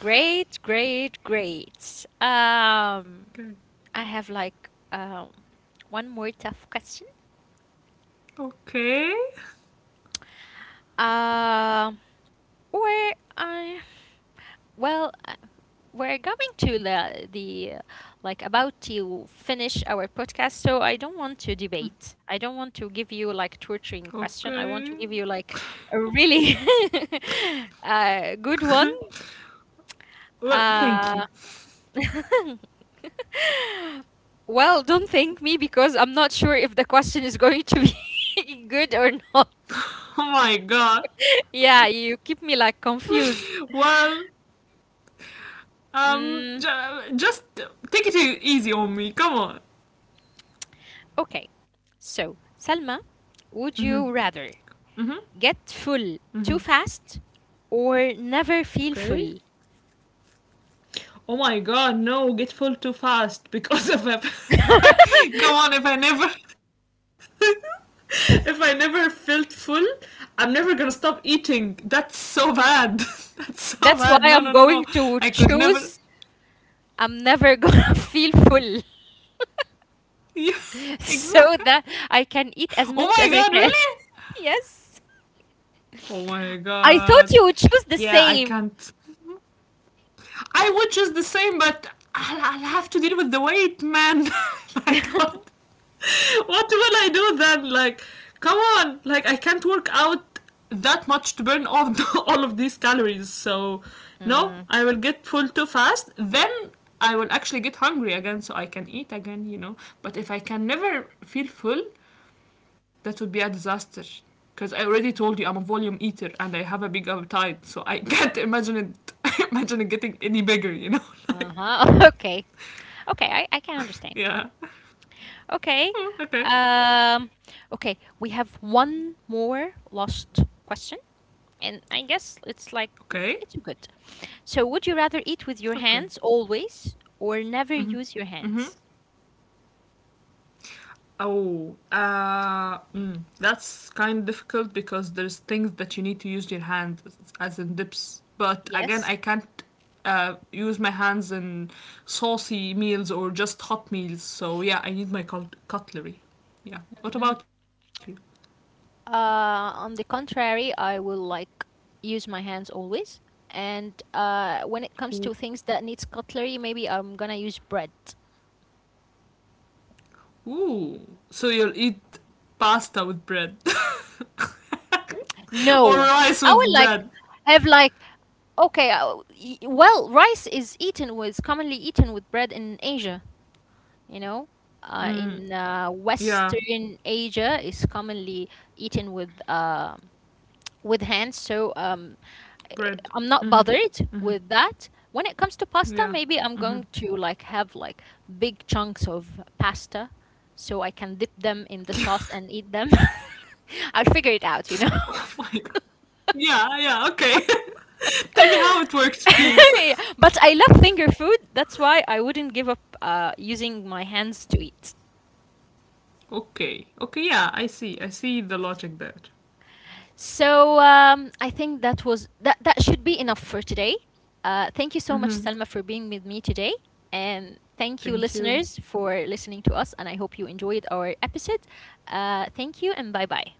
Speaker 1: Great, great, great.
Speaker 2: Okay.
Speaker 1: I have like one more tough question.
Speaker 2: Okay.
Speaker 1: Um, or I well, we're going to the like about to finish our podcast, so I don't want to debate. I don't want to give you like torturing
Speaker 2: Okay.
Speaker 1: question. I want to give you like a really good one.
Speaker 2: Well, thank you.
Speaker 1: Uh, well, don't thank me because I'm not sure if the question is going to be good or not.
Speaker 2: Oh my god.
Speaker 1: Yeah, you keep me like confused.
Speaker 2: Well,
Speaker 1: Mm,
Speaker 2: just take it easy on me. Come on.
Speaker 1: okay. So, Salma,
Speaker 2: Mhm.
Speaker 1: would you rather
Speaker 2: Mhm.
Speaker 1: get full
Speaker 2: Mhm.
Speaker 1: too fast or never feel
Speaker 2: Okay.
Speaker 1: full?
Speaker 2: Oh my god, no, get full too fast because of a. Go on, if I never. If I never felt full, I'm never gonna stop eating. That's so bad. That's so
Speaker 1: That's why
Speaker 2: bad.
Speaker 1: I'm
Speaker 2: No, no, no,
Speaker 1: going
Speaker 2: no.
Speaker 1: to
Speaker 2: I could
Speaker 1: choose
Speaker 2: never.
Speaker 1: I'm never gonna feel full
Speaker 2: Yeah,
Speaker 1: so that I
Speaker 2: exactly.
Speaker 1: can eat as
Speaker 2: Oh
Speaker 1: much
Speaker 2: my
Speaker 1: as I
Speaker 2: god,
Speaker 1: can.
Speaker 2: really?
Speaker 1: yes.
Speaker 2: Oh my
Speaker 1: I thought
Speaker 2: god.
Speaker 1: you would choose the
Speaker 2: Yeah, I
Speaker 1: same.
Speaker 2: can't. I would just the same, but I'll have to deal with the weight, man. Like, what will I do then? Like, come on. Like, I can't work out that much to burn off the, all of these calories. So, no,
Speaker 1: Mm,
Speaker 2: I will get full too fast. Then I will actually get hungry again, so I can eat again, you know. But if I can never feel full, that would be a disaster. Because I already told you I'm a volume eater and I have a big appetite, so I can't imagine it. Imagine it getting any bigger, you know? Like,
Speaker 1: uh-huh. Okay. Okay, I can understand.
Speaker 2: yeah.
Speaker 1: Okay.
Speaker 2: Okay.
Speaker 1: Um, okay, we have one more lost question and I guess it's like
Speaker 2: Okay.
Speaker 1: mm, it's good. So, would you rather eat with your
Speaker 2: Okay.
Speaker 1: hands always or never use your hands?
Speaker 2: Oh, mm, that's kind of difficult because there's things that you need to use your hand, as in dips. But again,
Speaker 1: Yes.
Speaker 2: I can't use my hands in saucy meals or just hot meals. So yeah, I need my cutlery. Yeah. What about you?
Speaker 1: On the contrary, I will like use my hands always. And when it comes to things that needs cutlery, maybe I'm gonna use bread.
Speaker 2: Ooh. So you'll eat pasta with bread or
Speaker 1: No,
Speaker 2: rice
Speaker 1: I
Speaker 2: with
Speaker 1: will like
Speaker 2: bread.
Speaker 1: have like okay. Uh, y- well, rice is eaten with commonly eaten with bread in Asia. You know, in
Speaker 2: Yeah,
Speaker 1: Western Asia is commonly eaten with. Um, with hands, so um,
Speaker 2: bread.
Speaker 1: I'm
Speaker 2: Hmm.
Speaker 1: not bothered with that. When it comes to pasta,
Speaker 2: Yeah.
Speaker 1: maybe I'm going to like have like big chunks of pasta so I can dip them in the sauce and eat them. I'll figure it out, you know.
Speaker 2: Oh my god. Yeah, yeah, okay. Tell me how it works, please.
Speaker 1: Yeah, but I love finger food. That's why I wouldn't give up using my hands to eat.
Speaker 2: Okay. Okay, yeah, I see. I see the logic there.
Speaker 1: So I think that was that that should be enough for today. Thank you so much, Selma, for being with me today, and thank you,
Speaker 2: Thank
Speaker 1: listeners,
Speaker 2: you.
Speaker 1: for listening to us. And I hope you enjoyed our episode. Thank you, and bye bye.